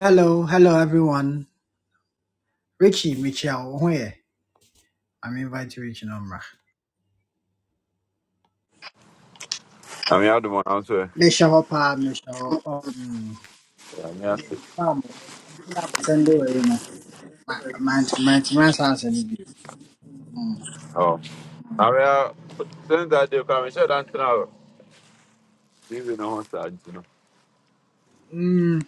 Hello, hello everyone. Richie, Michelle, where? I'm inviting Richie Nomra. I'm to adom a nso Michelle, pa, Michelle. Oh, mm. nyame Yeah, ase. mom, Sunday, you know. My my my my son's in the Mm. Oh. I'm Maria, since that day, come and share that now. Even on side, you know. Mm.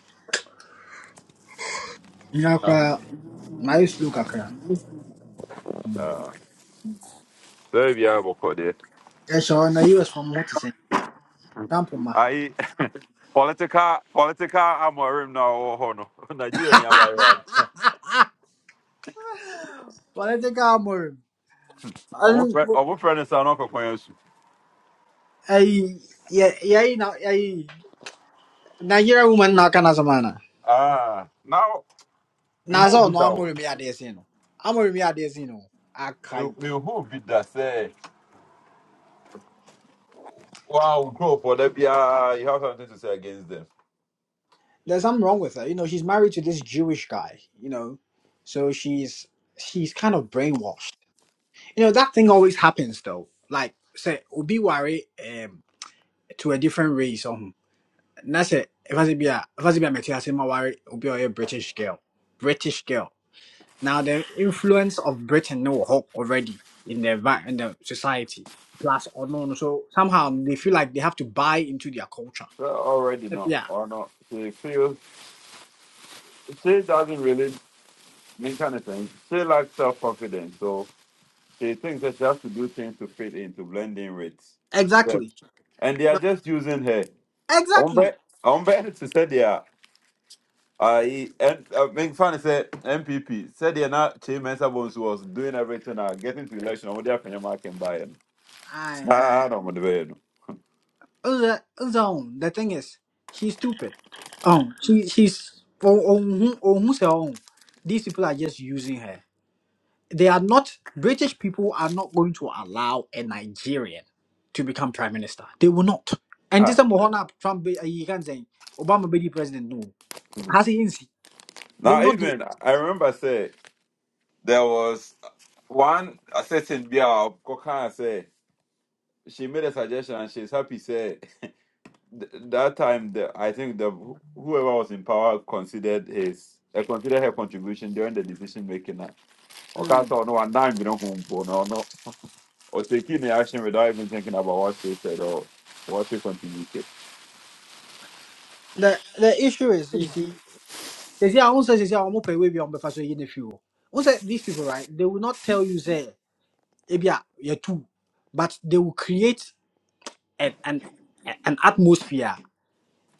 You know, Now, cry. I used to look at her. uh, so if you have a call there, Yeah, sure. Now you was from what is it? Tampa, ma. I political political amorim now or hono Nigeria ni abayi wa. Political more. I Omo friend, don't. omo friend is anoko kwenyesu. I yeah yeah you know I Nigerian woman na kana samana. Ah, now me who Nasa be no that? amore mi adesi no. Amore mi adesi no. Me Akai. me who be that? Say, wow, grow for that. Yeah. You have something to say against them? there's something wrong with her. You know, she's married to this Jewish guy. You know, so she's she's kind of brainwashed. You know, that thing always happens though. Like say, obi wari um to a different race. Um, that's it. If I say be a if I say be a Metis, I say my wari obi or a British girl, British girl. Now the influence of Britain no hope already in the envi- in the society. Plus or no, no, so somehow they feel like they have to buy into their culture. Well, already no Yeah, or not. She feels she doesn't really. mean kind of thing. She lacks self confidence, so she thinks that she has to do things to fit in to blend in with. yes. exactly. And they are just using her. Ombe, Exactly. Ombe to say they are. I and I mean, funny say MPP said they're not Chief Mensah Bones was doing everything and getting to election. What happened? I can buy it. Aye, aye. Ah, I don't want to buy it. Uza- Uzaon. The thing is, she's stupid. Um, she she's oh oh who- or who's her own. These people are just using her. They are not British people are not going to allow a Nigerian to become prime minister. They will not. And this Ah, is Mohana Trump. be- uh, You can say Obama be the president. No, mhm. has he in see? They will now not do even it. I remember say there was one certain girl. Kokan say she made a suggestion and she's happy. Say. th- that time the I think the wh- whoever was in power considered his uh, considered her contribution during the decision making. uh, Or cast Mm. on one dime, you know, home for no, no, or taking the action without even thinking about what she said or what she contributed. The the issue is you see. They say I won't say they say I'm open. We be on the first way in the fuel. Once these people right, they will not tell you say. ebi a yɛtu but they will create an an, an atmosphere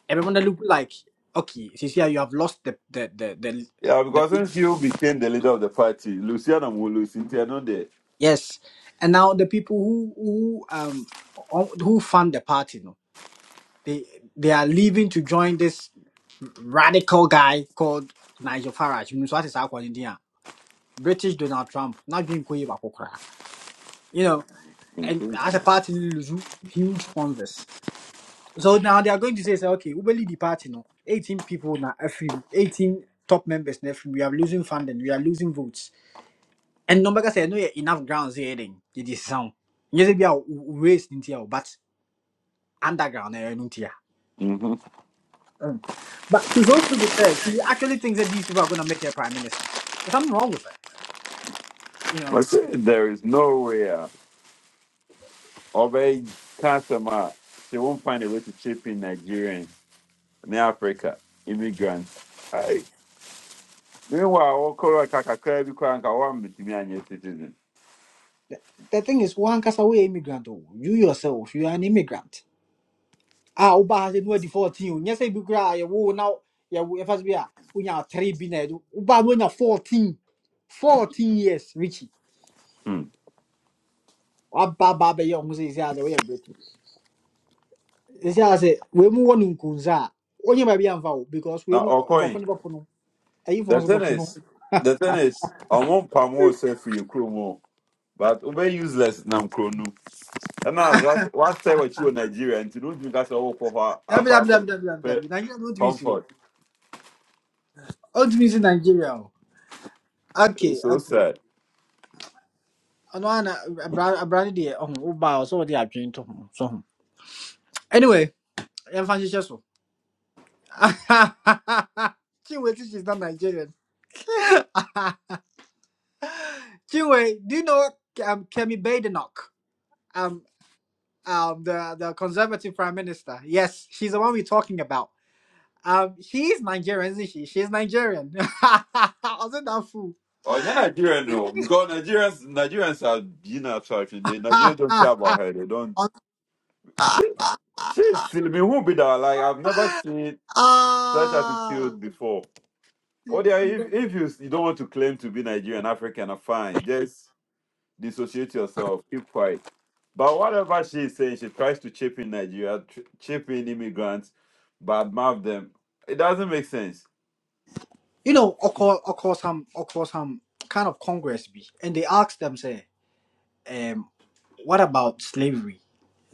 everyone that look like okay Cecilia, you have lost the the the, the Yeah, because the, since you became the leader of the party, Luciana Mulu, Cynthia, no, there. yes, and now the people who who um who fund the party, no, they they are leaving to join this radical guy called Nigel Farage. You know, so that is how called India. British Donald Trump. Not being You know, and Mm-hmm. as a party, lose huge sponsors So now they are going to say, say okay, Ubeli the party no, 18 people na FM, 18 top members na FM, we are losing funding, we are losing votes. And number say no yeah, enough grounds here then. It is sound. Yes, be our waste in here, but underground eh, no here. Mm-hmm. Um, but she's also with her. She actually thinks that these people are gonna make her prime minister. There's something wrong with her. You know, But say there is no way, uh, or customer; can they won't find a way to chip in Nigerians, in Africa, immigrants. meanwhile wɔkɔrɔ ka kakra bi koraa nka wɔammɛtumi anyɛ citizen the thing is, one cast away immigrant. oh. You yourself, you are an immigrant Ah, woba ha sɛ ne wadi 14 o nyɛ sɛ bi koraa a yɛwo na yɛwo yɛfa so bi a wonya 3 bi na ɛdo woba no wonya 14 14 years richi Hmm. waba ba bɛyɛ ɔho sɛ ɛsɛ adɛ woyɛ brɛti ɛsɛ a sɛ wei mu wɔ no nkunsa a wonyɛ baabi amfa wo because wei na mu bɔfo ɔkɔe no bɛpo no ayifoɔ the nso thing bɛpo no is the thing is ɔmo mpam wo sɛ firi kurom o but wobɛ useless nam kuro no what woas- woasɛe w'akyi wɔ nigeria nti ne wontumi ka sɛ wowokɔ hɔ a- Nigeria akɔ akɔpɛ don't miss you. comfort Don't miss nigeria o okay It's so okay sad ɔno ana abra abra no deɛ ɔho woba a ɔsɛ wɔde adwene to ho so ho anyway yɛmfa nhyehyɛ so Chinwe, since she's not Nigerian. Chinwe, do you know um, Kemi Badenoch? Um, um, the, the conservative prime minister. Yes, she's the one we're talking about. Um, she's Nigerian, isn't she? She's Nigerian. Wasn't that fool? Oh, ɔnyɛ nigerian no because nigerians nigerians are being attraction they nigerians don't care about her they don't she, she's silly me who be that like i've never seen such ah, attitude before Oh, yeah, if, if you, you don't want to claim to be Nigerian, African, uh, fine. Just dissociate yourself. Keep quiet. But whatever she is saying, she tries to chip in Nigeria, tr- chip in immigrants, badmouth them. It doesn't make sense. you know, of course, of course, um, of course, um, kind of Congress be, and they asked them, say, um, what about slavery?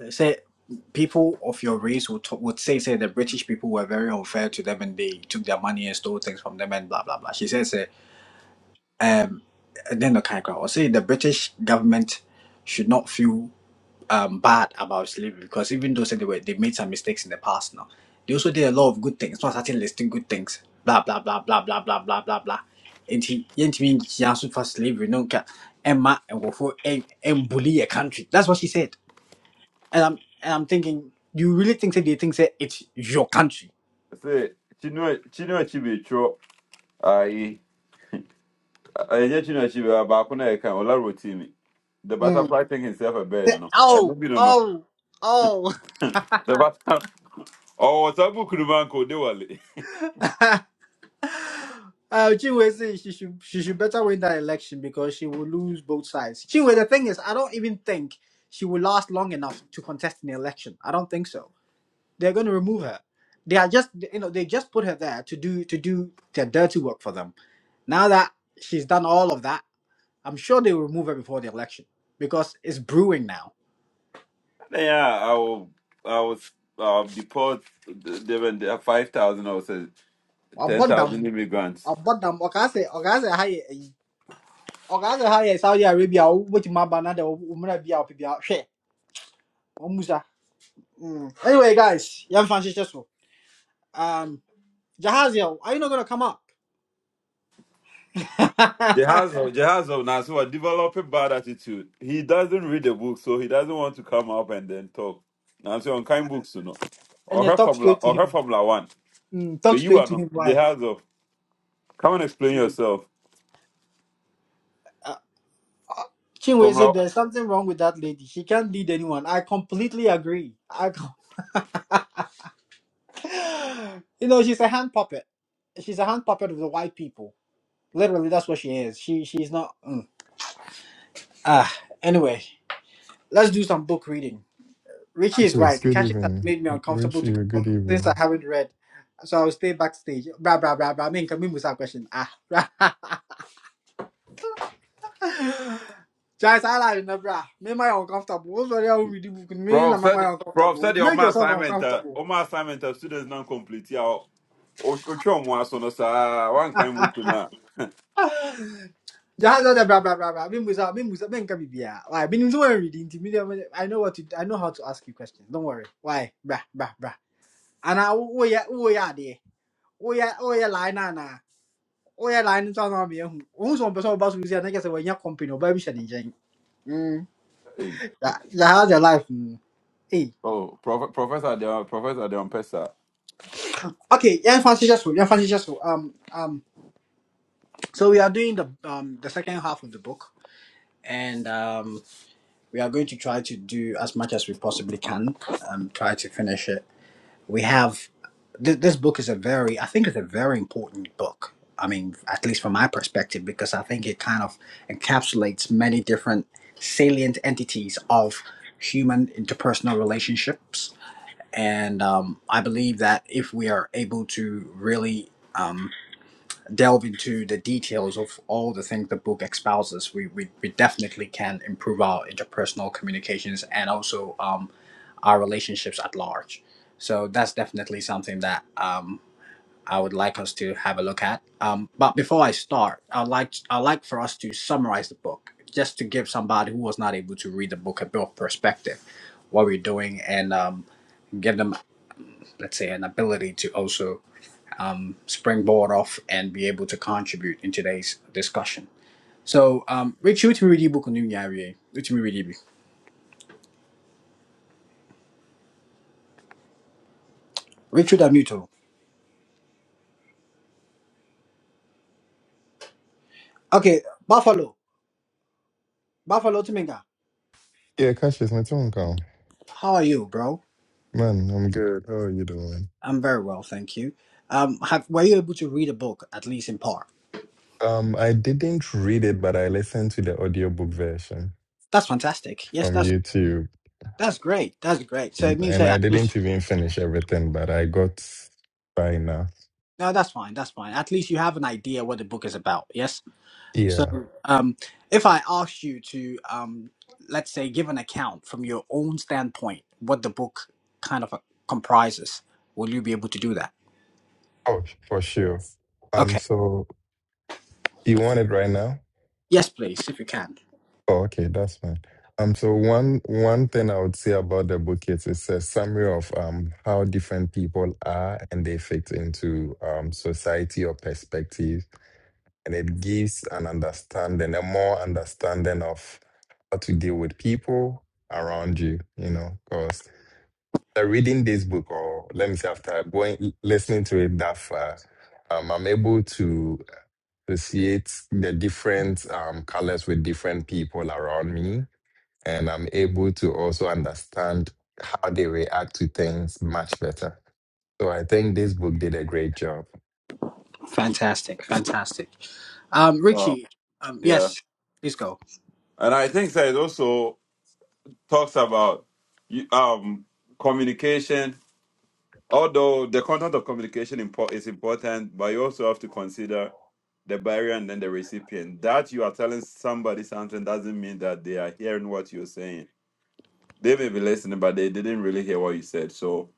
say people of your race would, would say say the British people were very unfair to them and they took their money and stole things from them and blah blah blah. She says, say, um, then the kind of or say the British government should not feel um bad about slavery because even though say they were they made some mistakes in the past now, they also did a lot of good things. Not starting listing good things. Blah blah blah blah blah blah blah blah blah. And he yet means he also for slavery no can and ma and go for and bully a country. That's what she said. And I'm and I'm thinking, you really think that they think that it's your country? Say, Chinua Chinua Achebe, Chro, aye, Enye Chinua Achebe, Abakuna ola rotimi. The Mm. butterfly thing himself a bird, They- no. I Oh, don't know. oh, oh. The butterfly. Oh, what's Sabu Kurubanko, they were. Uh, Chinwe says she should she should better win that election because she will lose both sides. Chinwe, the thing is, I don't even think she will last long enough to contest an election. I don't think so. They're going to remove her. They are just you know they just put her there to do to do their dirty work for them. Now that she's done all of that, I'm sure they will remove her before the election because it's brewing now. Nah, Yeah, I will, I was uh, deport there were five thousand or say ten I'm done. thousand immigrants. abɔdam ɔkaasɛ ɔkaasɛ ha yɛ ayi ɔkaasɛ saudi arabia a wobɛtumi na de wommerɛ bi a ɔpɛ bia opibia hwe. Omusa. Mm. anyway guys yɛmfa nhyehyɛ so um, jahaziel are you not gonna come up Jehazel, Jehazel now so develop a bad attitude. He doesn't read the book, so he doesn't want to come up and then talk. Now so on kind uh, books, you know, and or you her talk formula, straight to or her him formula one. mm, talk But you straight are to not him why Jehazel. Come and explain mm. yourself. uh, uh, Chinwe Formula, said there's something wrong with that lady. She can't lead anyone. I completely agree. I, com- you know, she's a hand puppet. She's a hand puppet of the white people. Literally, that's what she is. She she's not. mm. Ah, anyway, let's do some book reading. Richie is right. Cassius, good Cashes has evening. made me uncomfortable Richie, to come up good since I evening. haven't read. So I'll stay backstage. Bra bra bra bra. Me can me musa question. Ah, bra. Guys, I like you, bra. Me my uncomfortable. What's the real with the book? Me na prof my said, prof uncomfortable. said You the make Omar yourself assignment, uh, uncomfortable. Omar assignment of students non complete. Yeah, or or one so no sir, one kind book now. Just that bra bra bra bra. Me musa me musa me can be bia. Why? Me no one reading. to Me I know what to. I know how to ask you questions. Don't worry. Why? Bra bra bra. And I oh yeah oh yeah there. Oh yeah oh yeah line na na. yeah, Yeah. we person ba so bi say na kese we nya company. o ba bi share nje. Mm. That How's your life? Mm. Hey. Oh, Prof- Professor Deon, Professor Deon Pesa. Okay. yeah, Fancy just. 我也懒得装那边红，我什么不是我把手机那个是我人家 company，我不要想认真。嗯，然后在 Um. um, so we are doing the um the second half of the book. And um, we are going to try to do as much as we possibly can. Um, try to finish it we have th- this book is a very i think it's a very important book i mean at least from my perspective because i think it kind of encapsulates many different salient entities of human interpersonal relationships and um, i believe that if we are able to really um, delve into the details of all the things the book espouses, we, we, we definitely can improve our interpersonal communications and also um, our relationships at large. So that's definitely something that um, I would like us to have a look at. Um, but before I start, I'd like I'd like for us to summarize the book, just to give somebody who was not able to read the book a bit of perspective, what we're doing, and um, give them, let's say, an ability to also springboard off and be able to contribute in today's discussion. So, um, Richie, which media book new yari? Which media book? Richard Amuto. Okay, Buffalo, Buffalo Tuminga. Yeah, Cassius, my phone call. How are you, bro? Man, I'm good. How are you doing? I'm very well, thank you. Um, have were you able to read a book at least in part? Um, I didn't read it, but I listened to the audiobook version That's fantastic. Yes, from that's YouTube. that's great. That's great. So it Mm, means And that I at least didn't even finish everything, but I got by now. no, that's fine. That's fine. At least you have an idea what the book is about. Yes. So, Yeah. um, if I asked you to, um, let's say, give an account from your own standpoint, what the book kind of uh, comprises, will you be able to do that? Oh, for sure. Um, Okay. so you want it right now? Yes, please, if you can. Oh, okay, that's fine. Um, so one one thing I would say about the book is it's a summary of um how different people are and they fit into um society or perspective, and it gives an understanding, a more understanding of how to deal with people around you. You know, because reading this book, or let me say, after going listening to it that far, um, I'm able to associate the different um colors with different people around me and I'm able to also understand how they react to things much better. So I think this book did a great job. Fantastic, fantastic. Um, Oh, Richie, um, yeah. yes, please go. And I think that it also talks about you- um communication. Although the content of communication impo- is important, but you also have to consider the barrier and then the recipient. That you are telling somebody something doesn't mean that they are hearing what you're saying. They may be listening, but they didn't really hear what you said. So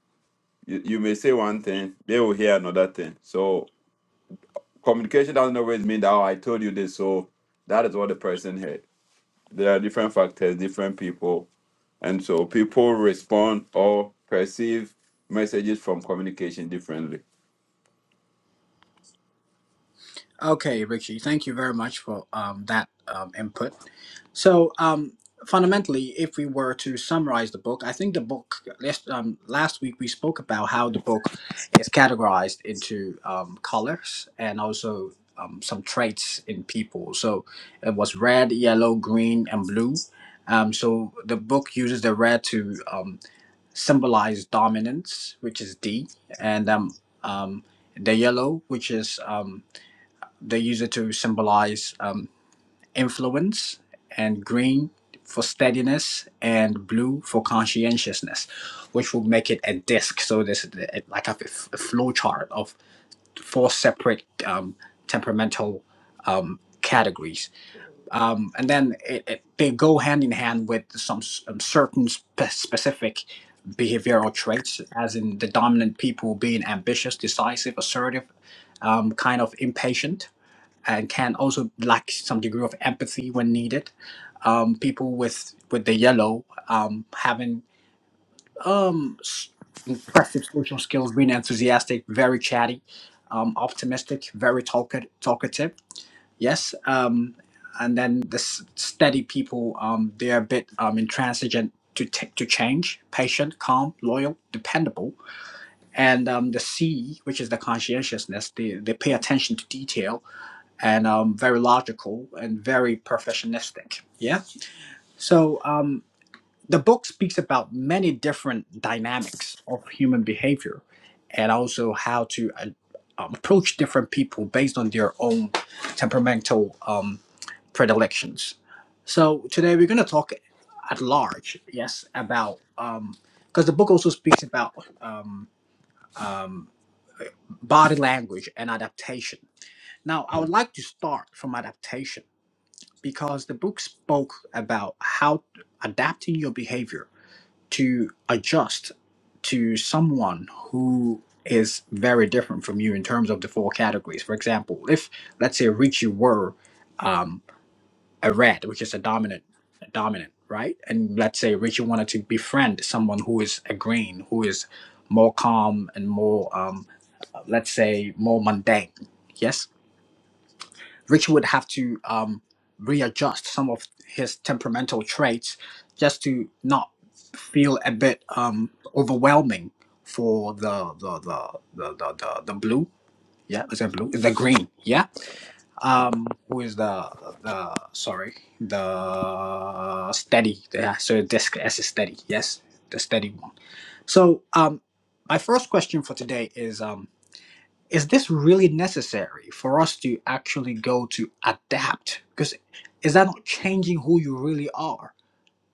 you, you may say one thing, they will hear another thing. So communication doesn't always mean that oh, I told you this, so that is what the person heard. There are different factors, different people, and so people respond or perceive messages from communication differently. Okay, Richie, thank you very much for um, that um, input. So, um, fundamentally, if we were to summarize the book, I think the book, last, um, last week we spoke about how the book is categorized into um, colors and also um, some traits in people. So, it was red, yellow, green, and blue. Um, so, the book uses the red to um, symbolize dominance, which is D, and um, um, the yellow, which is. Um, they use it to symbolize um, influence, and green for steadiness, and blue for conscientiousness, which will make it a disc. So there's like a- like flow chart of four separate um, temperamental um, categories, um, and then it, it, they go hand in hand with some s- um, certain spe- specific behavioral traits, as in the dominant people being ambitious, decisive, assertive, um, kind of impatient and can also lack some degree of empathy when needed. Um, people with with the yellow um, having um, s- impressive social skills, being enthusiastic, very chatty, um, optimistic, very talka- talkative. Yes. Um, and then the s- steady people, um, they're a bit um, intransigent to, t- to change, patient, calm, loyal, dependable. And um, the C, which is the conscientiousness, they, they pay attention to detail and um, very logical and very perfectionistic. Yeah. So um, the book speaks about many different dynamics of human behavior, and also how to uh, um, approach different people based on their own temperamental um, predilections. So today we're going to talk at large, yes, about um, because the book also speaks about um, um, body language and adaptation. Now, I would like to start from adaptation because the book spoke about how adapting your behavior to adjust to someone who is very different from you in terms of the four categories. For example, if let's say Richie were um, a red, which is a dominant, a dominant, right? And let's say Richie wanted to befriend someone who is a green, who is more calm and more, um, let's say, more mundane. Yes Richie would have to um, readjust some of his temperamental traits just to not feel a bit um, overwhelming for the the the the the, the, the blue. Yeah, is it blue? The green. Yeah. Um, who is the the sorry the steady? Yeah. So disc S is steady. Yes, the steady one. So um, my first question for today is um is this really necessary for us to actually go to adapt? Because is that not changing who you really are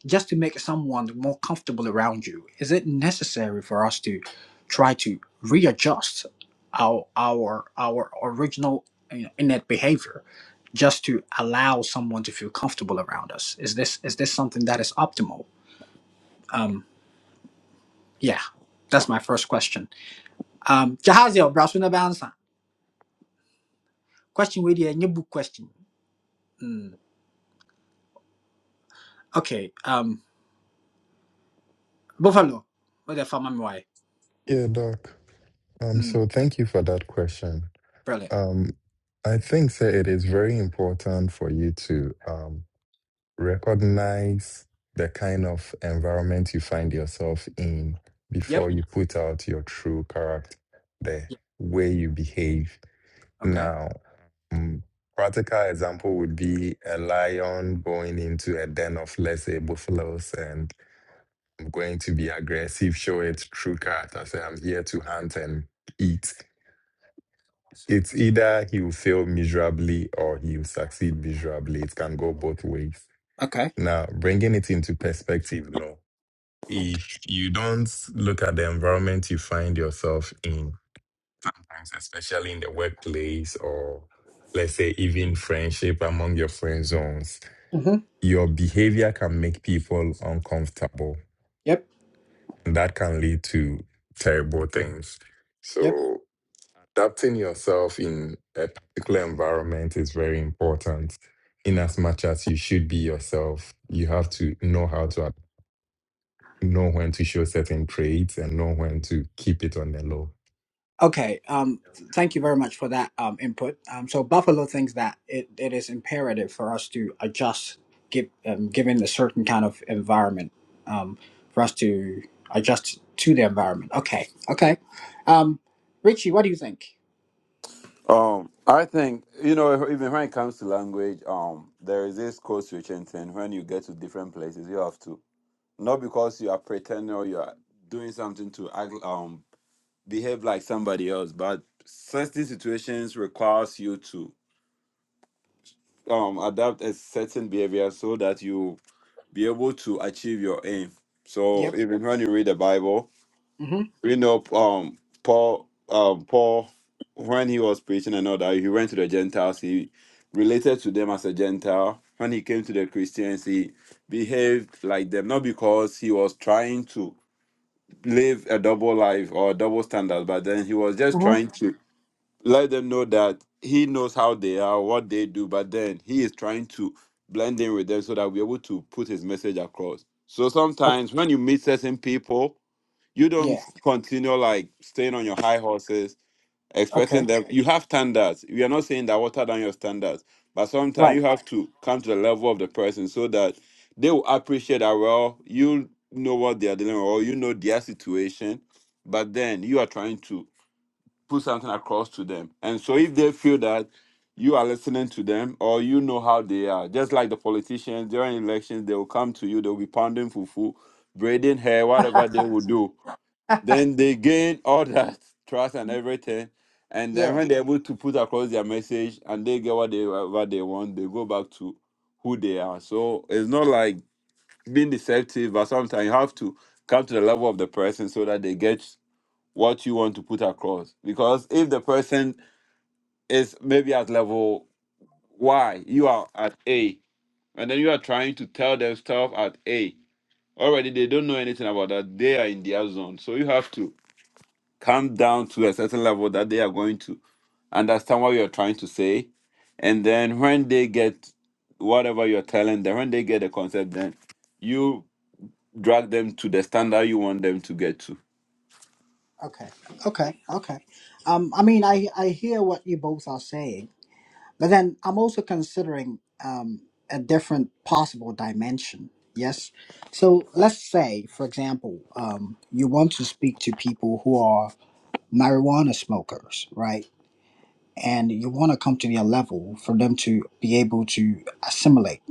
just to make someone more comfortable around you? Is it necessary for us to try to readjust our our our original you know, innate behavior just to allow someone to feel comfortable around us? Is this is this something that is optimal? Um, yeah, that's my first question. Um, Jahaziel Brasunabans, question with you, new book question. Hmm. Okay. Um, Buffalo. What the farmer why? Yeah, Doc. Um, Mm, so thank you for that question. brilliant. Um, I think sir, it is very important for you to um, recognize the kind of environment you find yourself in Yep. before you put out your true character, the Yep. way you behave Okay. Now, mm, practical example would be a lion going into a den of, let's say, buffaloes, and I'm going to be aggressive, show its true character. say, I'm here to hunt and eat. It's either he will fail miserably or he will succeed miserably. It can go both ways. Okay. Now, bringing it into perspective, no. If you don't look at the environment you find yourself in, times, especially in the workplace or let's say even friendship among your friend zones, Mm-hmm. your behavior can make people uncomfortable. Yep. And that can lead to terrible things. Yep. So adapting yourself in a particular environment is very important. In as much as you should be yourself, you have to know how to ad- know when to show certain traits and know when to keep it on the low. Okay. Um, th- thank you very much for that um input. Um, so Buffalo thinks that it, it is imperative for us to adjust, give um, given a certain kind of environment, um, for us to adjust to the environment. Okay. Okay. Um, Richie, what do you think? Um, I think you know even when it comes to language, um, there is this code switching thing. When you get to different places, you have to not because you are pretending or you are doing something to act, um behave like somebody else, but certain situations requires you to um adapt a certain behavior so that you be able to achieve your aim. So Yep. even when you read the Bible, Mm-hmm. we know um Paul um Paul when he was preaching and all that, he went to the Gentiles, he related to them as a Gentile. When he came to the Christians, he behaved like them, not because he was trying to live a double life or double standard, but then he was just Mm-hmm. trying to let them know that he knows how they are, what they do, but then he is trying to blend in with them so that we're able to put his message across. So Okay. sometimes when you meet certain people, you don't Yeah. continue like staying on your high horses, expecting Okay. them. You have standards. We are not saying that water down your standards, but sometimes Right. you have to come to the level of the person so that they will appreciate that, well, you know what they are dealing with, or you know their situation, but then you are trying to put something across to them. And so if they feel that you are listening to them or you know how they are, just like the politicians during elections, they will come to you, they'll be pounding fufu, braiding hair, whatever they will do. Then they gain all that trust and everything. And then Yeah. when they're able to put across their message and they get what they what they want, they go back to who they are. So it's not like being deceptive, but sometimes you have to come to the level of the person so that they get what you want to put across. Because if the person is maybe at level Y, you are at A, and then you are trying to tell them stuff at A, already they don't know anything about that. They are in their zone. So you have to come down to a certain level that they are going to understand what you're trying to say. And then when they get whatever you're telling them, when they get the concept, then you drag them to the standard you want them to get to. Okay, okay, okay. Um, I mean, I I hear what you both are saying, but then I'm also considering um a different possible dimension. Yes. So let's say, for example, um, you want to speak to people who are marijuana smokers, right? And you want to come to their level for them to be able to assimilate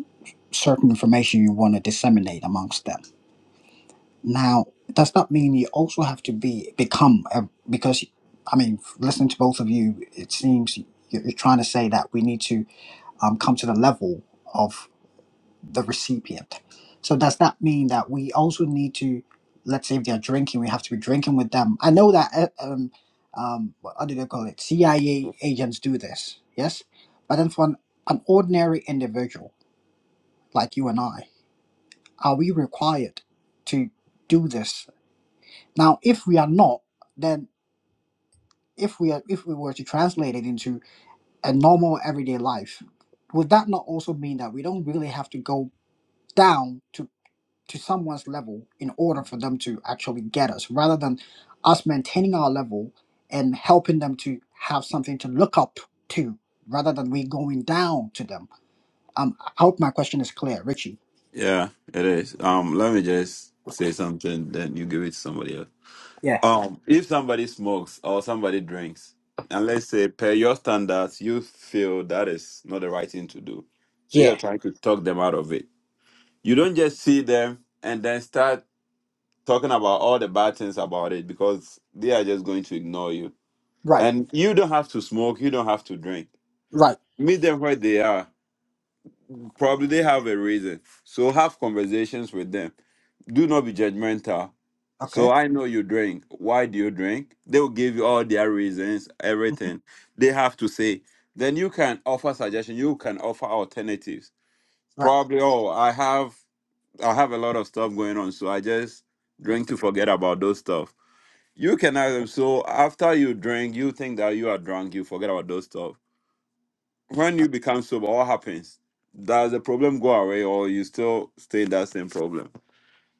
certain information you want to disseminate amongst them. Now, does that mean you also have to be become a, because I mean, listening to both of you, it seems you- are trying to say that we need to um, come to the level of the recipient. So does that mean that we also need to, let's say, if they're drinking, we have to be drinking with them? I know that uh, um, um, what how do they call it? CIA agents do this, yes. But then for an, an ordinary individual like you and I, are we required to do this now, if we are not, then if we are, if we were to translate it into a normal everyday life, would that not also mean that we don't really have to go down to to someone's level in order for them to actually get us, rather than us maintaining our level and helping them to have something to look up to, rather than we going down to them? Um, I hope my question is clear, Richie. Yeah, it is. Um, let me just say something, then you give it to somebody else. Yeah. Um, if somebody smokes or somebody drinks, and let's say per your standards, you feel that is not the right thing to do. So you're Yeah. trying to talk them out of it. You don't just see them and then start talking about all the bad things about it because they are just going to ignore you. Right. And you don't have to smoke, you don't have to drink. Right. Meet them where they are Probably they have a reason. So have conversations with them. Do not be judgmental. So Okay. I know you drink. Why do you drink? They will give you all their reasons, Mhm. everything they have to say. Then you can offer suggestions. You can offer alternatives. Right. Probably, oh, I have I have a lot of stuff going on, so I just drink to forget about those stuff. You can ask them. So after you drink, you think that you are drunk, you forget about those stuff when you become sober, what happens? Does the problem go away or you still stay in that same problem?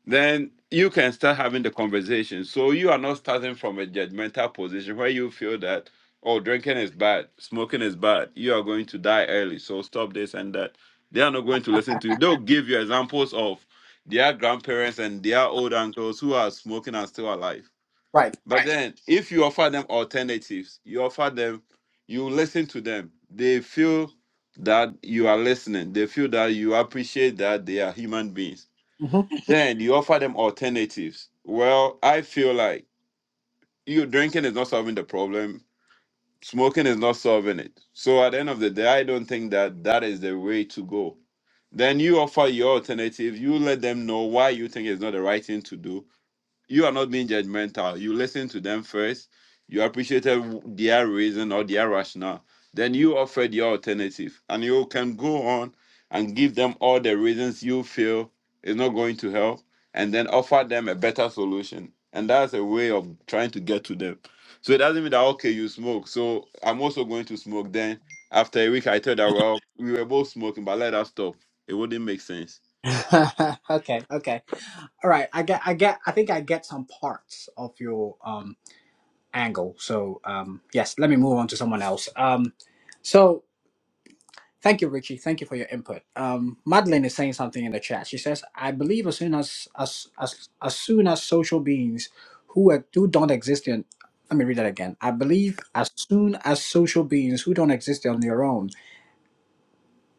Then you can start having the conversation. So you are not starting from a judgmental position where you feel that, oh, drinking is bad, smoking is bad, you are going to die early. So stop this and that. They are not going to listen to you. They'll give you examples of their grandparents and their old uncles who are smoking and still alive. Right. But Right. then, if you offer them alternatives, you offer them, you listen to them. They feel that you are listening. They feel that you appreciate that they are human beings. hmm Then you offer them alternatives. Well, I feel like you drinking is not solving the problem. Smoking is not solving it. So at the end of the day, I don't think that that is the way to go. Then you offer your alternative. You let them know why you think it's not the right thing to do you are not being judgmental. You listen to them first. You appreciated their reason or their rationale. Then you offered your alternative, and you can go on and give them all the reasons you feel is not going to help, and then offer them a better solution. And that's a way of trying to get to them. So it doesn't mean that okay, you smoke. So I'm also going to smoke. Then after a week, I tell that well, we were both smoking, but let us stop. It wouldn't make sense. okay. Okay. All right, I get, I get, I think I get some parts of your um, angle. So um, yes, let me move on to someone else. Um, so thank you, Richie. Thank you for your input. Um, Madeline is saying something in the chat. She says, "I believe as soon as as as, as soon as social beings who are, who don't exist in." Let me read that again. I believe as soon as social beings who don't exist on their own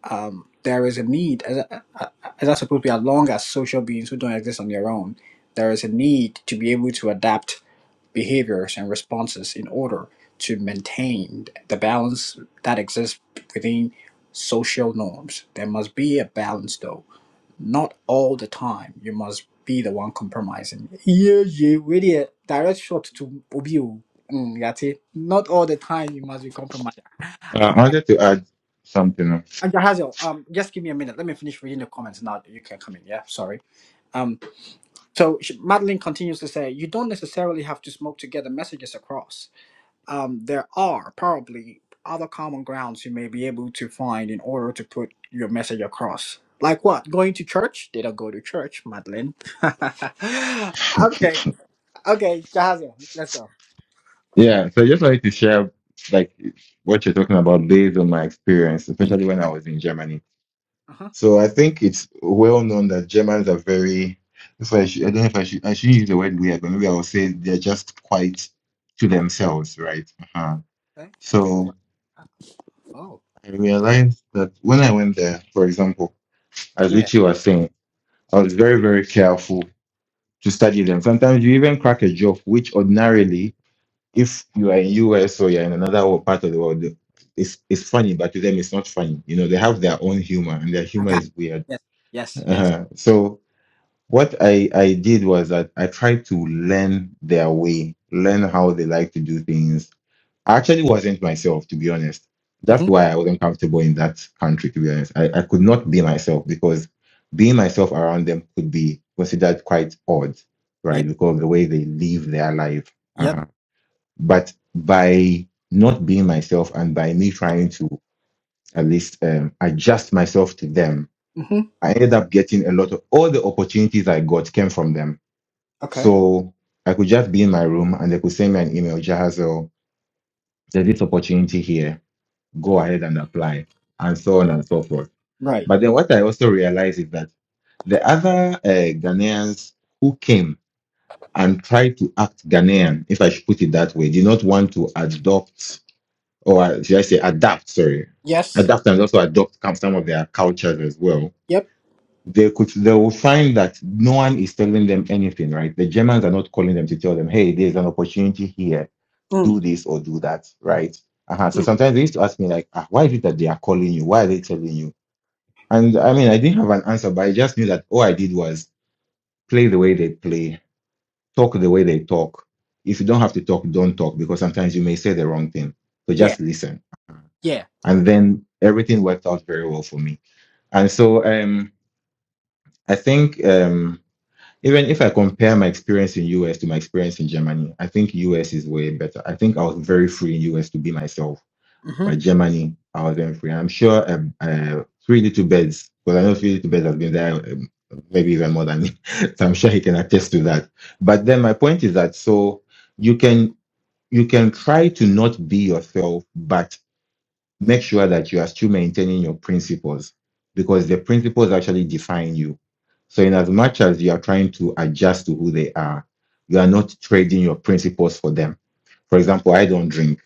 um, there is a need, as, as I suppose we are long as social beings who don't exist on their own, there is a need to be able to adapt behaviors and responses in order to maintain the balance that exists within social norms. There must be a balance, though. Not all the time. You must be the one compromising. Yeah, yeah, really a direct shot to Obi. o. Mm, yate. Not all the time you must be compromising. Uh, I wanted to add something. else. And Jahazil, um, just give me a minute. Let me finish reading the comments now. You can come in. Yeah, sorry. Um, so she- Madeline continues to say, you don't necessarily have to smoke to get the messages across. Um, there are probably other common grounds you may be able to find in order to put your message across. Like what? Going to church? They don't go to church, Madeline. okay, okay, Jahazil, let's go. Yeah, so I just wanted to share like what you're talking about based on my experience, especially when I Right. was in Germany. Uh huh. So I think it's well known that Germans are very. If I, should, I don't know if I should, I shouldn't use the word weird, but maybe I will say they're just quite to themselves, right? Uh-huh. Okay. So Oh. Oh. I realized that when I went there, for example, as Yeah. Richie was saying, I was very, very careful to study them. Sometimes you even crack a joke, which ordinarily if you are in US or you're in another wo- part of the world, it's it's funny, but to them it's not funny. You know, they have their own humor, and their I humor got. is weird. It. Yes. Yes. Yes. Uh-huh. So what I I did was that I tried to learn their way, learn how they like to do things. I actually wasn't myself, to be honest. That's Mhm. why I wasn't comfortable in that country, to be honest. I, I could not be myself because being myself around them could be considered quite odd, Yep. right? Because of the way they live their life. Yep. Uh-huh. But by not being myself and by me trying to at least um, adjust myself to them, Mhm. I ended up getting a lot of all the opportunities I got came from them. Okay. So I could just be in my room and they could send me an email, Jahazel, there's this opportunity here. Go ahead and apply, and so on and so forth. Right. But then what I also realized is that the other uh, Ghanaians who came and tried to act Ghanaian, if I should put it that way, did not want to adopt or uh, should I say adapt, sorry, Yes. adapt and also adopt com- some of their cultures as well, Yep. they could they will find that no one is telling them anything, right? The Germans are not calling them to tell them, hey, there's an opportunity here, Mm. do this or do that, right? Uh-huh. So Mm. sometimes they used to ask me like, ah, why is it that they are calling you? Why are they telling you? And I mean, I didn't have an answer, but I just knew that all I did was play the way they play, talk the way they talk. If you don't have to talk, don't talk because sometimes you may say the wrong thing. So Yeah. just listen Uh-huh Yeah. and then everything worked out very well for me. And so um, I think um, even if I compare my experience in US to my experience in Germany, I think US is way better. I think I was very free in US to be myself, hmm but Germany I was very free. And I'm sure um, uh, Three Little Birds, because I know Three Little Birds has been there um, maybe even more than me, so I'm sure he can attest to that. But then my point is that so you can you can try to not be yourself, but make sure that you are still maintaining your principles because the principles actually define you. So, in as much as you are trying to adjust to who they are, you are not trading your principles for them. For example, I don't drink,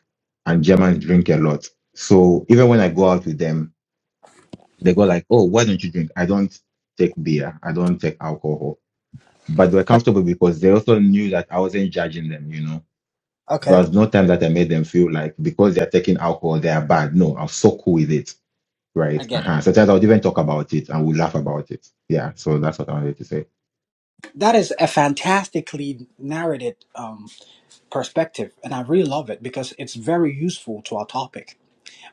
and Germans drink a lot. So, even when I go out with them, they go like, "Oh, why don't you drink?" I don't take beer. I don't take alcohol. But they were comfortable because they also knew that I wasn't judging them. You know, there Okay. was no time that I made them feel like because they are taking alcohol, they are bad. No, I was so cool with it I Right. get it. Uh-huh. Sometimes I would even talk about it and we laugh about it. Yeah. So that's what I wanted to say. That is a fantastically narrated um, perspective, and I really love it because it's very useful to our topic.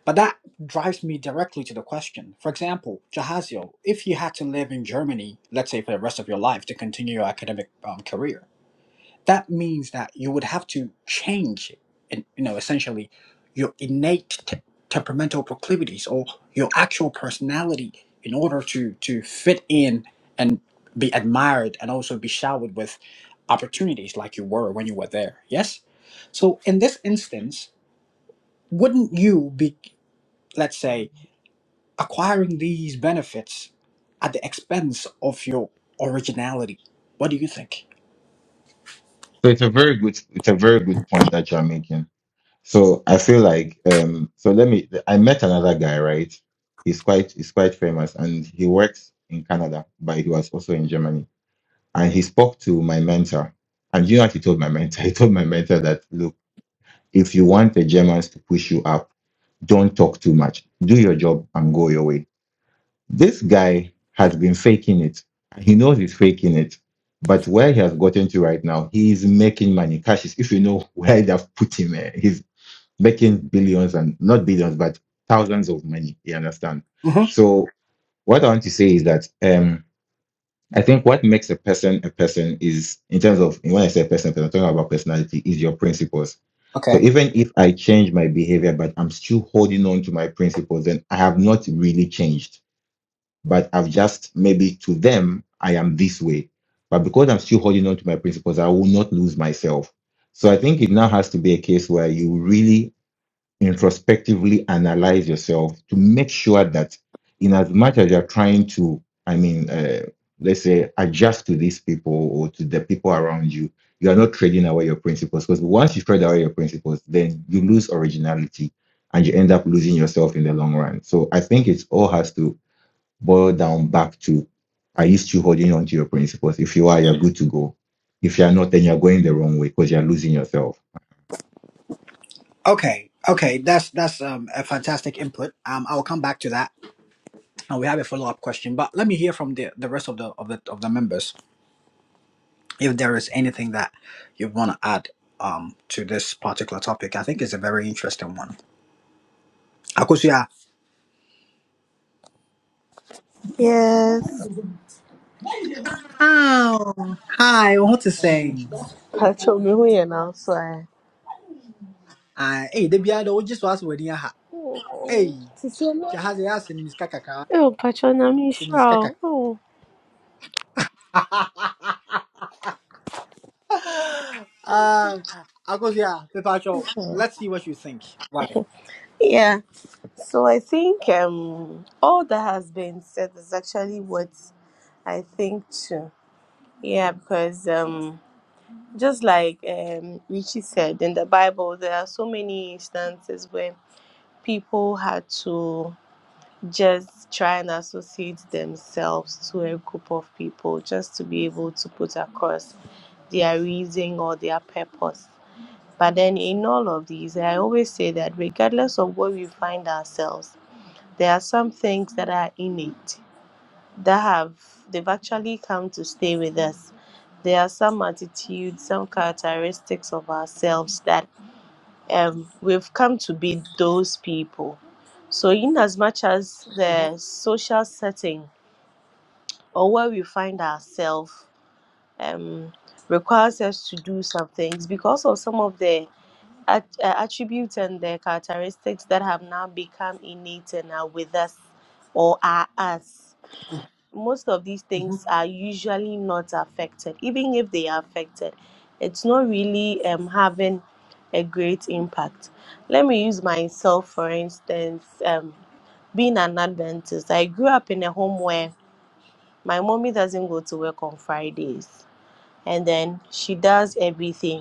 But that drives me directly to the question. For example, Jahaziel, if you had to live in Germany, let's say for the rest of your life to continue your academic um, career, that means that you would have to change and you know essentially your innate te- temperamental proclivities or your actual personality in order to to fit in and be admired and also be showered with opportunities like you were when you were there yes so in this instance wouldn't you be let's say acquiring these benefits at the expense of your originality what do you think So it's a very good it's a very good point that you're making. So I feel like um so let me I met another guy, right? He's quite he's quite famous and he works in Canada, but he was also in Germany. And he spoke to my mentor. And you know what he told my mentor? He told my mentor that look, if you want the Germans to push you up, don't talk too much. Do your job and go your way This guy has been faking it. He knows he's faking it. But where he has gotten to right now, he is making money. Cash is, if you know where they've put him, eh, he's making billions and not billions, but thousands of money. You understand? hmm So what I want to say is that um, I think what makes a person a person is, in terms of, when I say person, person, I'm talking about personality, is your principles. So okay even if I change my behavior, but I'm still holding on to my principles, then I have not really changed but I've just maybe to them, I am this way. But because I'm still holding on to my principles, I will not lose myself. So I think it now has to be a case where you really introspectively analyze yourself to make sure that, in as much as you're trying to, I mean, uh, let's say, adjust to these people or to the people around you, you are not trading away your principles. Because once you trade away your principles, then you lose originality and you end up losing yourself in the long run. So I think it all has to boil down back to are you still holding on to your principles? If you are, you're good to go. If you're not, then you're going the wrong way because you're losing yourself. Okay, okay, that's that's um, a fantastic input. Um, I will come back to that, and we have a follow up question. But let me hear from the, the rest of the of the of the members if there is anything that you want to add um to this particular topic. I think it's a very interesting one. Akosia, Yes. oh, hi, what to say? Pacho me we now, so I Uh, hey, the beard, we just was wedding ha. Hey, jahazi ya sinis kakaka, Oh, Pacho Nami sinis kakaka. Shao. Oh. Uh, Akosia, Pepacho, let's see what you think. Yeah. So I think um all that has been said is actually what I think too. Yeah, because um just like um Richie said in the Bible there are so many instances where people had to just try and associate themselves to a group of people just to be able to put across their reason or their purpose. But then, in all of these, I always say that regardless of where we find ourselves, there are some things that are innate that have they've actually come to stay with us. There are some attitudes, some characteristics of ourselves that um, we've come to be those people. So, in as much as the Mhm. social setting or where we find ourselves um, requires us to do some things because of some of the at, uh, attributes and the characteristics that have now become innate and are with us or are us. Most of these Mhm. things are usually not affected. Even if they are affected, it's not really um, having a great impact. Let me use myself, for instance, um, being an Adventist. I grew up in a home where my mommy doesn't go to work on Fridays, and then she does everything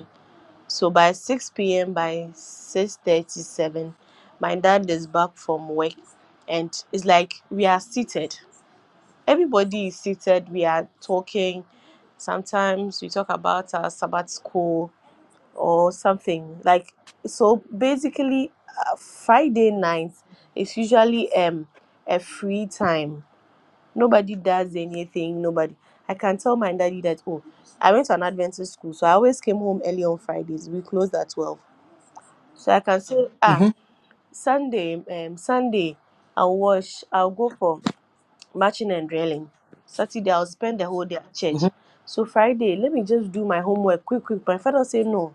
so by 6 p.m., by 6.37, my dad is back from work and it's like we are seated. Everybody is seated. We are talking. Sometimes we talk about our Sabbath school or something. Like, so basically, uh, Friday night is usually um a free time. Nobody does anything. Nobody. I can tell my daddy that, oh, I went to an Adventist school, so I always came home early on Fridays. We closed at 12 so I can say, ah, Mhm. Sunday, um, Sunday, I'll wash, I'll go for marching and drilling. Saturday, I'll spend the whole day at church. Mhm. So Friday, let me just do my homework quick, quick. My father say, no,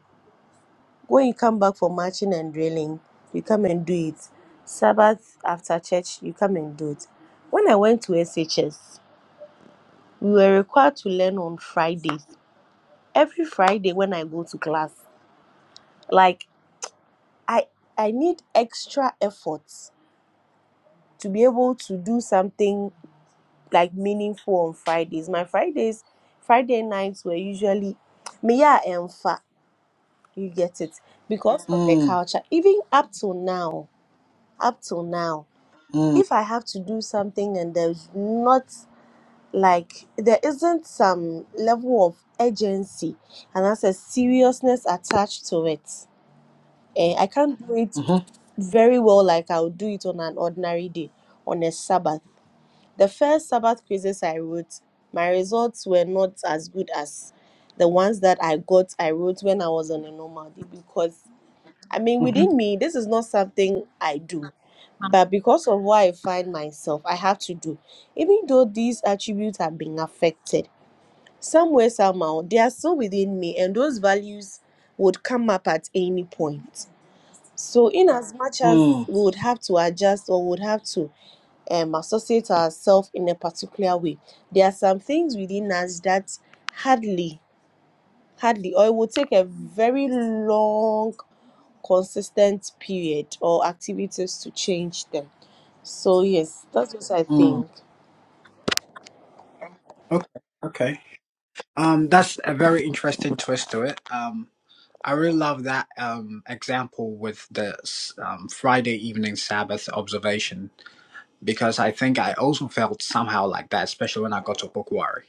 when you come back for marching and drilling, you come and do it. Sabbath after church, you come and do it. When I went to SHS, we were required to learn on Fridays. Every Friday when I go to class, like I I need extra effort to be able to do something like meaningful on Fridays. My Fridays, Friday nights were usually Mia and Fa. You get it because of the Mm. culture. Even up till now, up till now, Mm. if I have to do something and there's not like there isn't some level of urgency and that's a seriousness attached to it. Eh, I can't do it Mhm. very well like I would do it on an ordinary day on a Sabbath The first Sabbath quizzes I wrote, my results were not as good as the ones that I got, I wrote when I was on a normal day because, I mean, Mhm. within me, this is not something I do. But because of where I find myself, I have to do. Even though these attributes have been affected, somewhere, somehow, they are still within me, and those values would come up at any point. So, in as much as Mm. we would have to adjust or would have to um, associate ourselves in a particular way. There are some things within us that hardly, hardly, or it will take a very long, consistent period or activities to change them. So, yes, that's what I Mm. think. Okay. Okay. Um, that's a very interesting twist to it. Um, I really love that um example with the s- um, Friday evening Sabbath observation because I think I also felt somehow like that, especially when I got to Bokwari.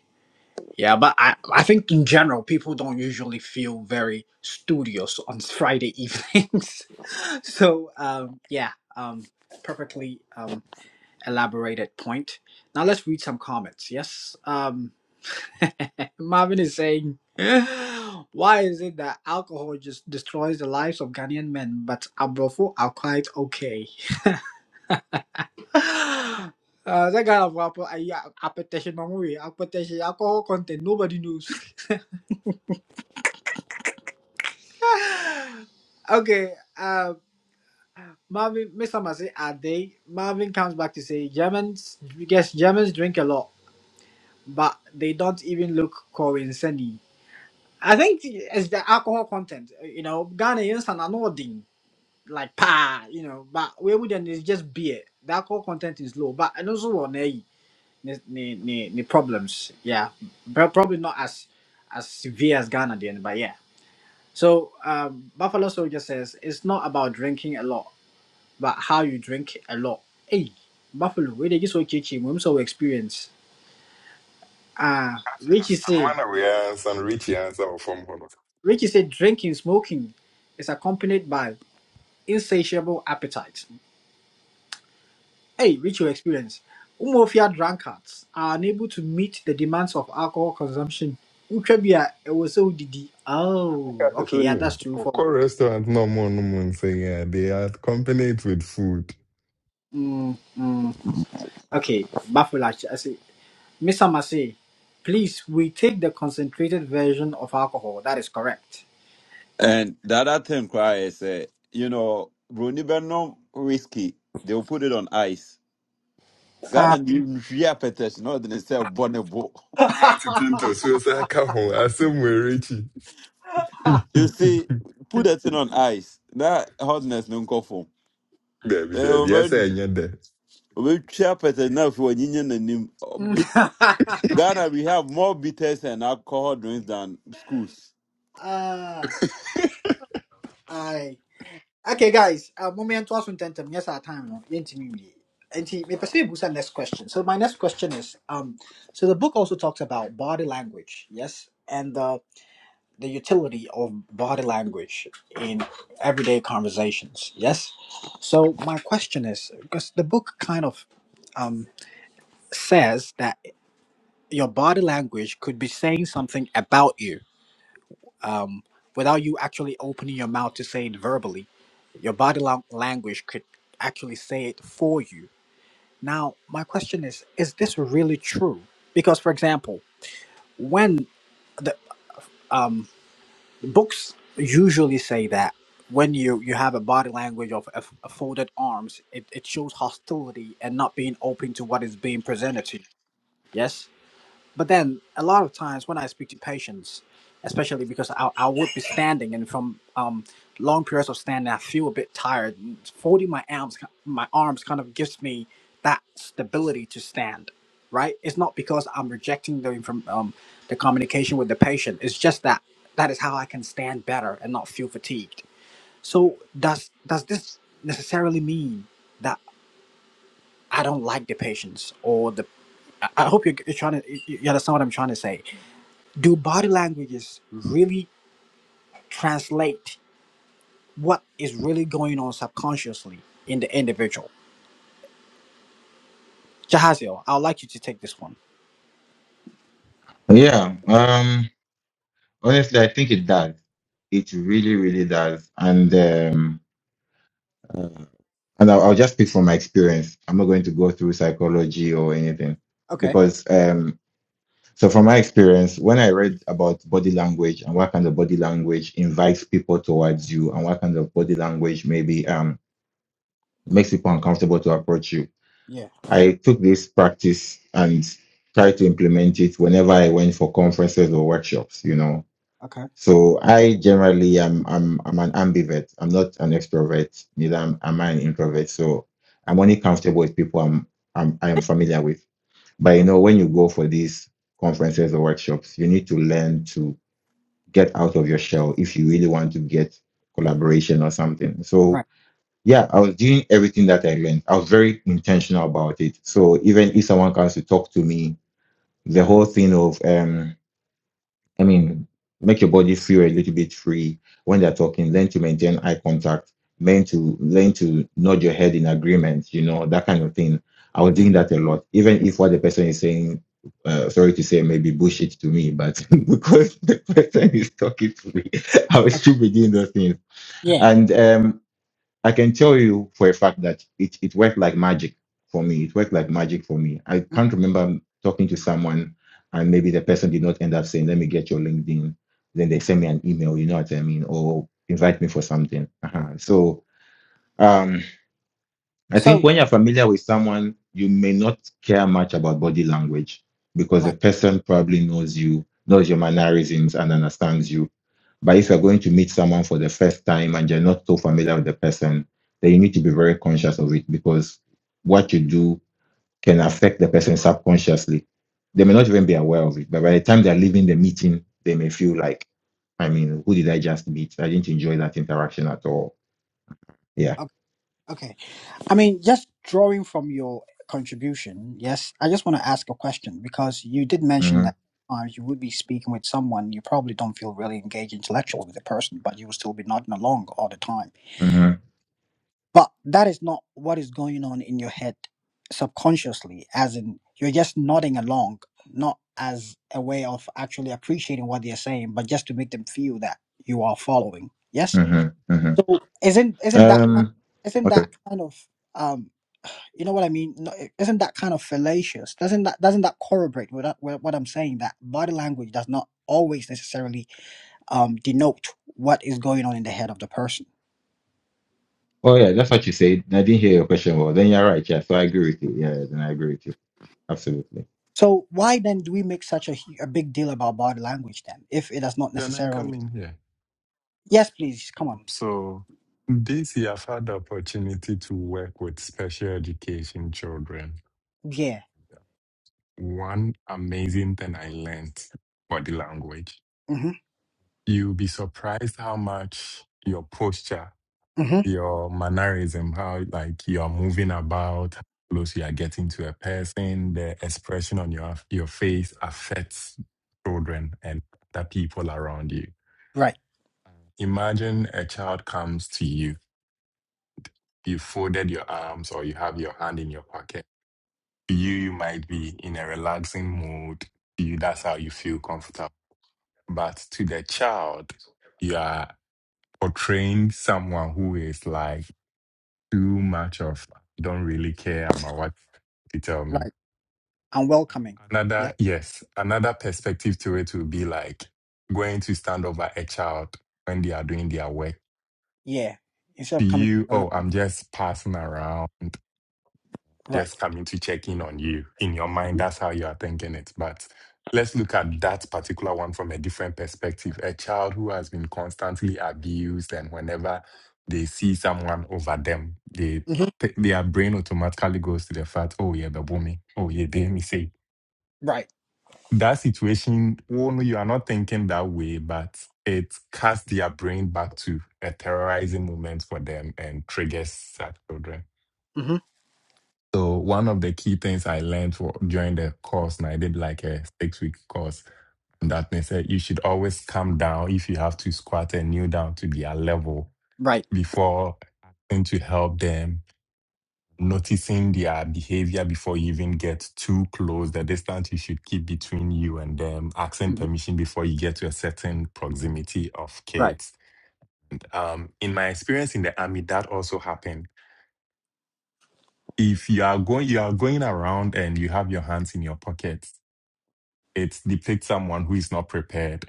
Yeah, but I I think in general people don't usually feel very studious on Friday evenings. so um, yeah, um, perfectly. Um, elaborated point. Now let's read some comments. Yes, um, Marvin is saying, why is it that alcohol just destroys the lives of Ghanaian men, but Abrofo are quite okay? Uh, that kind of apple, I, yeah, appetition, memory, appetition, alcohol content, nobody knows. okay, uh, Marvin, Mr. Massey, are they? Marvin comes back to say, Germans, yes, Germans drink a lot, but they don't even look coincidentally. I think it's the alcohol content. uh, You know, Ghanaians are not doing like pa, you know, but we wouldn't it's just beer. The alcohol content is low, but and also on the the problems, yeah, but probably not as as severe as Ghana then, but yeah. So um, Buffalo Soldier says it's not about drinking a lot, but how you drink a lot. Hey, Buffalo, we they just so kitchen, we so experience. Ah, Richie That's- the say, one am wondering, uh, some rich answer from Hono. Richie said drinking, smoking is accompanied by insatiable appetite. Hey, reach your experience. Umofia drunkards are unable to meet the demands of alcohol consumption. Utrabia, it was so didi. Oh, Cash okay, so yeah, that's nim. true for. Koko restaurant no more no more say yeah. They are accompanied with food. Mm, mm, okay, Bafulash, I say, Mr. Masay, please, we take the concentrated version of alcohol. That is correct. And the other time, cry said, you know, Bruni Benom whiskey, they'll put it on ice. Ah. Ghana, you hear petition, no, they say bonnebo. Martin Pinto so it's like a home. I say kaho asem we richie. You see, put that thing on ice. That hotness, no coffee. Baby, baby, yes I am there. We share petition now for union and him. Bit- Ghana, we have more bitters and alcohol drinks than schools. ah, aye. Okay, guys, uh, moment to ask them. Yes, our time. No, yɛntumi nwie. Enti, mepɛ sɛ yɛbu saa next question. So my next question is, um, so the book also talks about body language, yes, and the the utility of body language in everyday conversations, yes. So my question is, because the book kind of um says that your body language could be saying something about you, um, without you actually opening your mouth to say it verbally Your body lang- language could actually say it for you. Now, my question is is this really true? Because, for example, when books usually say that when you, you have a body language of f- folded arms, it, it shows hostility and not being open to what is being presented to you. Yes? but then a lot of times when I speak to patients, especially because I, I would be standing and from um, long periods of standing, I feel a bit tired. And Folding my arms, my arms kind of gives me that stability to stand. Right? It's not because I'm rejecting the inform um, the communication with the patient. It's just that that is how I can stand better and not feel fatigued. So does does this necessarily mean that I don't like the patients or the? I I hope you're, you're trying to you you understand what I'm trying to say do body languages really translate what is really going on subconsciously in the individual? Jahaziel, I'd like you to take this one. Yeah. Um honestly I think it does. It really, really does. And um uh, and I'll, I'll just speak from my experience. I'm not going to go through psychology or anything Okay. because um so from my experience, when I read about body language and what kind of body language invites people towards you and what kind of body language maybe um. It makes people uncomfortable to approach you. Yeah. I took this practice and tried to implement it whenever I went for conferences or workshops, you know. Okay. So I generally am I'm I'm an ambivert. I'm not an extrovert, neither am, am I an introvert. So I'm only comfortable with people I'm I'm I am familiar with. But you know, when you go for these conferences or workshops, you need to learn to get out of your shell if you really want to get collaboration or something. So Right. yeah, I was doing everything that I learned. I was very intentional about it. So even if someone comes to talk to me, the whole thing of um, I mean, make your body feel a little bit free when they're talking, learn to maintain eye contact, learn to learn to nod your head in agreement, you know, that kind of thing. I was doing that a lot, even if what the person is saying, uh, sorry to say, maybe bullshit to me, but because the person is talking to me, I will Okay. still be doing those things. Yeah. And um, I can tell you for a fact that it, it worked like magic for me. It worked like magic for me. I Mm. can't remember talking to someone and maybe the person did not end up saying, let me get your LinkedIn. Then they send me an email, you know what I mean, or invite me for something. Uh-huh. So um, I think So, when you're familiar with someone, you may not care much about body language because the right. person probably knows you, knows your mannerisms, and understands you. But if you're going to meet someone for the first time and you're not so familiar with the person, then you need to be very conscious of it because what you do can affect the person subconsciously. They may not even be aware of it, but by the time they're leaving the meeting, they may feel like, I mean, who did I just meet? I didn't enjoy that interaction at all. Yeah. Okay. okay. I mean, just drawing from your contribution, yes, I just want to ask a question because you did mention Mm-hmm, that sometimes you would be speaking with someone, you probably don't feel really engaged intellectually with the person, but you will still be nodding along all the time mm-hmm, But that is not what is going on in your head subconsciously, as in you're just nodding along, not as a way of actually appreciating what they're saying, but just to make them feel that you are following. Yes, mm-hmm, mm-hmm. isn't isn't that Um. isn't Okay. that kind of um you know what I mean? No, Isn't that kind of fallacious? Doesn't that doesn't that correlate that way that body does not always really um denote what is going on with the person? Oh yeah, that's what you said. I didn't hear your question. Well, then you're right. Yeah. So I agree with you. Yeah. Then I agree with you. Absolutely. So why make such a, hu- a big deal about body language then, if it does not Can I necessarily? come in here. Yes, please come on. Um, So this year I've had the opportunity to work with special education children. Yeah. One amazing thing I learned body language. hmm You'll be surprised how much your posture hmm your mannerism, how like you are moving about, how close you are getting to a person, the expression on your your face affects children and the people around you. Right. Imagine a child comes to you, you folded your arms or you have your hand in your pocket. To you, you might be in a relaxing mood. To you, that's how you feel comfortable. But to the child, you are portraying someone who is like too much of don't really care about what you tell me. Right. And welcoming. Yeah. Another, yes, another perspective to it will be like going to stand over a child when they are doing their work. Yeah. Instead To of coming. you, oh, I'm just passing around. Right. just coming to check in on you. In your mind, Mm-hmm. that's how you are thinking it. But let's look at that particular one from a different perspective. A child who has been constantly abused, and whenever they see someone over them, they Mm-hmm. th- their brain automatically goes to the fact, oh yeah, the me. oh yeah, they me say. Right. That situation, oh no, you are not thinking that way, but it casts their brain back to a terrorizing moment for them and triggers such children. hmm So one of the key things I learned for, during the course, and I did like a six week course, that they said you should always come down if you have to squat and kneel down to their level Right. before asking to help them, noticing their behavior before you even get too close, the distance you should keep between you and them, asking hmm permission before you get to a certain proximity of Right. kids. Um, in my experience in the army, that also happened if you are going you are going around and you have your hands in your pockets it depicts someone who is not prepared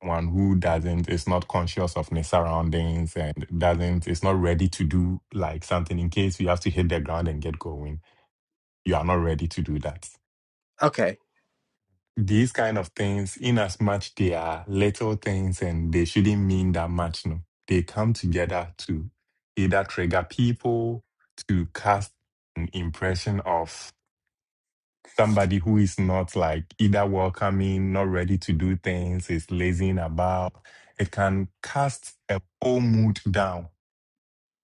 one who doesn't is not conscious of their surroundings and doesn't is not ready to do like something in case you have to hit the ground and get going you are not ready to do that Okay. these kind of things in as much they are little things and they shouldn't mean that much no they come together to either trigger people to cast an impression of somebody who is not like either welcoming, not ready to do things, is lazing about, it can cast a whole mood down.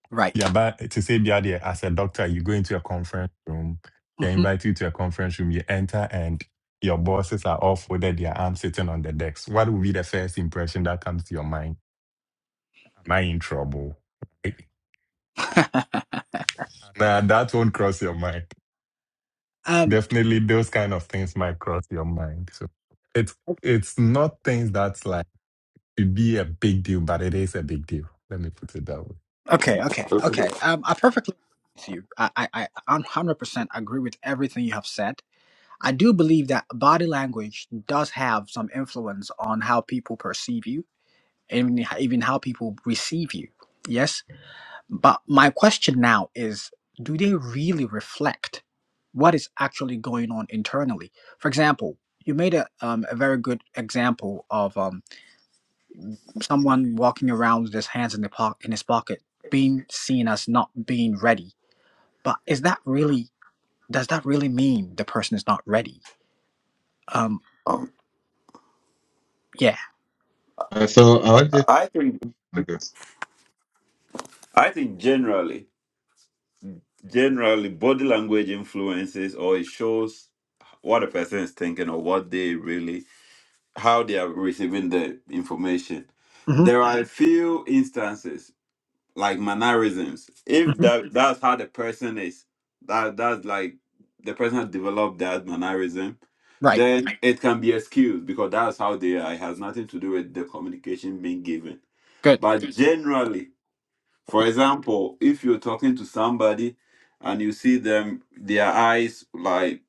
Right. Yeah, but to say yeah, there, as a doctor, you go into a conference room, they hmm invite you to a conference room, you enter and your bosses are all folded, their arms sitting on the decks. What would be the first impression that comes to your mind? Am I in trouble? Nah, that won't cross your mind. Um. Definitely those kind of things might cross your mind. So it's it's not things that's like to be a big deal, but it is a big deal. Let me put it that way. Okay. Okay. Okay. Okay. Um. I perfectly agree with you. I. I. I. one Hundred percent agree with everything you have said. I do believe that body language does have some influence on how people perceive you, and even how people receive you. Yes. But my question now is: Do they really reflect? what is actually going on internally. For example, you made a, um, a very good example of um, someone walking around with his hands in, the po- in his pocket being seen as not being ready. But is that really, does that really mean the person is not ready? Um, Um, yeah. Uh, so I wanted. I think Okay. I think generally. generally body language influences or it shows what a person is thinking or what they really how they are receiving the information hmm there are a few instances like mannerisms if hmm that that's how the person is that that's like the person has developed that mannerism Right. then Right. it can be excused because that's how they are it has nothing to do with the communication being given Good. but generally for example, if you're talking to somebody and you see them, their eyes like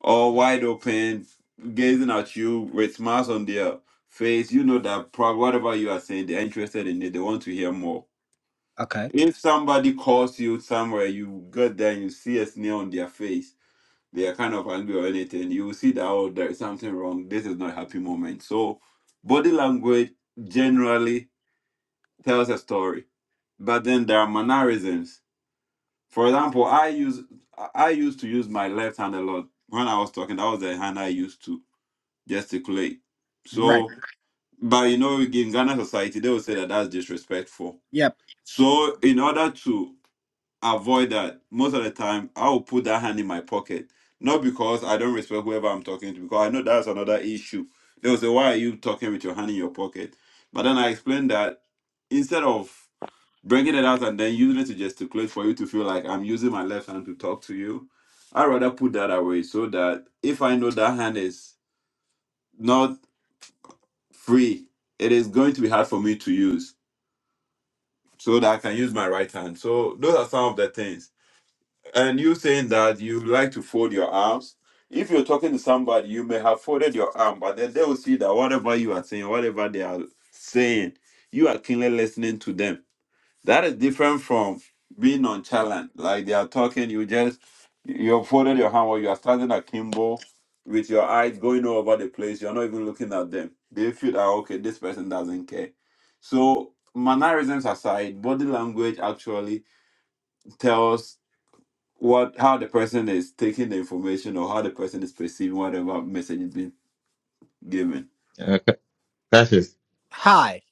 all wide open, gazing at you with smiles on their face, you know that probably whatever you are saying, they're interested in it. They want to hear more. Okay. If somebody calls you somewhere, you get there and you see a sneer on their face, they are kind of angry or anything, you will see that, oh, there is something wrong. This is not a happy moment. So, body language generally tells a story, but then there are mannerisms For example, I use I used to use my left hand a lot. When I was talking, that was the hand I used to gesticulate. Right. So, but you know, in Ghana society, they will say that that's disrespectful. Yep. So, in order to avoid that, most of the time, I will put that hand in my pocket. Not because I don't respect whoever I'm talking to, because I know that's another issue. They will say, Why are you talking with your hand in your pocket? But then I explained that instead of Bringing it out and then using it to gesticulate for you to feel like I'm using my left hand to talk to you. I rather put that away so that if I know that hand is not free, it is going to be hard for me to use so that I can use my right hand. So those are some of the things. And you saying that you like to fold your arms. If you're talking to somebody, you may have folded your arm, but then they will see that whatever you are saying, whatever they are saying, you are keenly listening to them. That is different from being nonchalant. Like they are talking, you just you folded your hand or you are standing akimbo with your eyes going all over the place. You're not even looking at them. They feel that okay, this person doesn't care. So mannerisms aside, body language actually tells what how the person is taking the information or how the person is perceiving whatever message is being given. Uh, Ca- Cassius. Hi.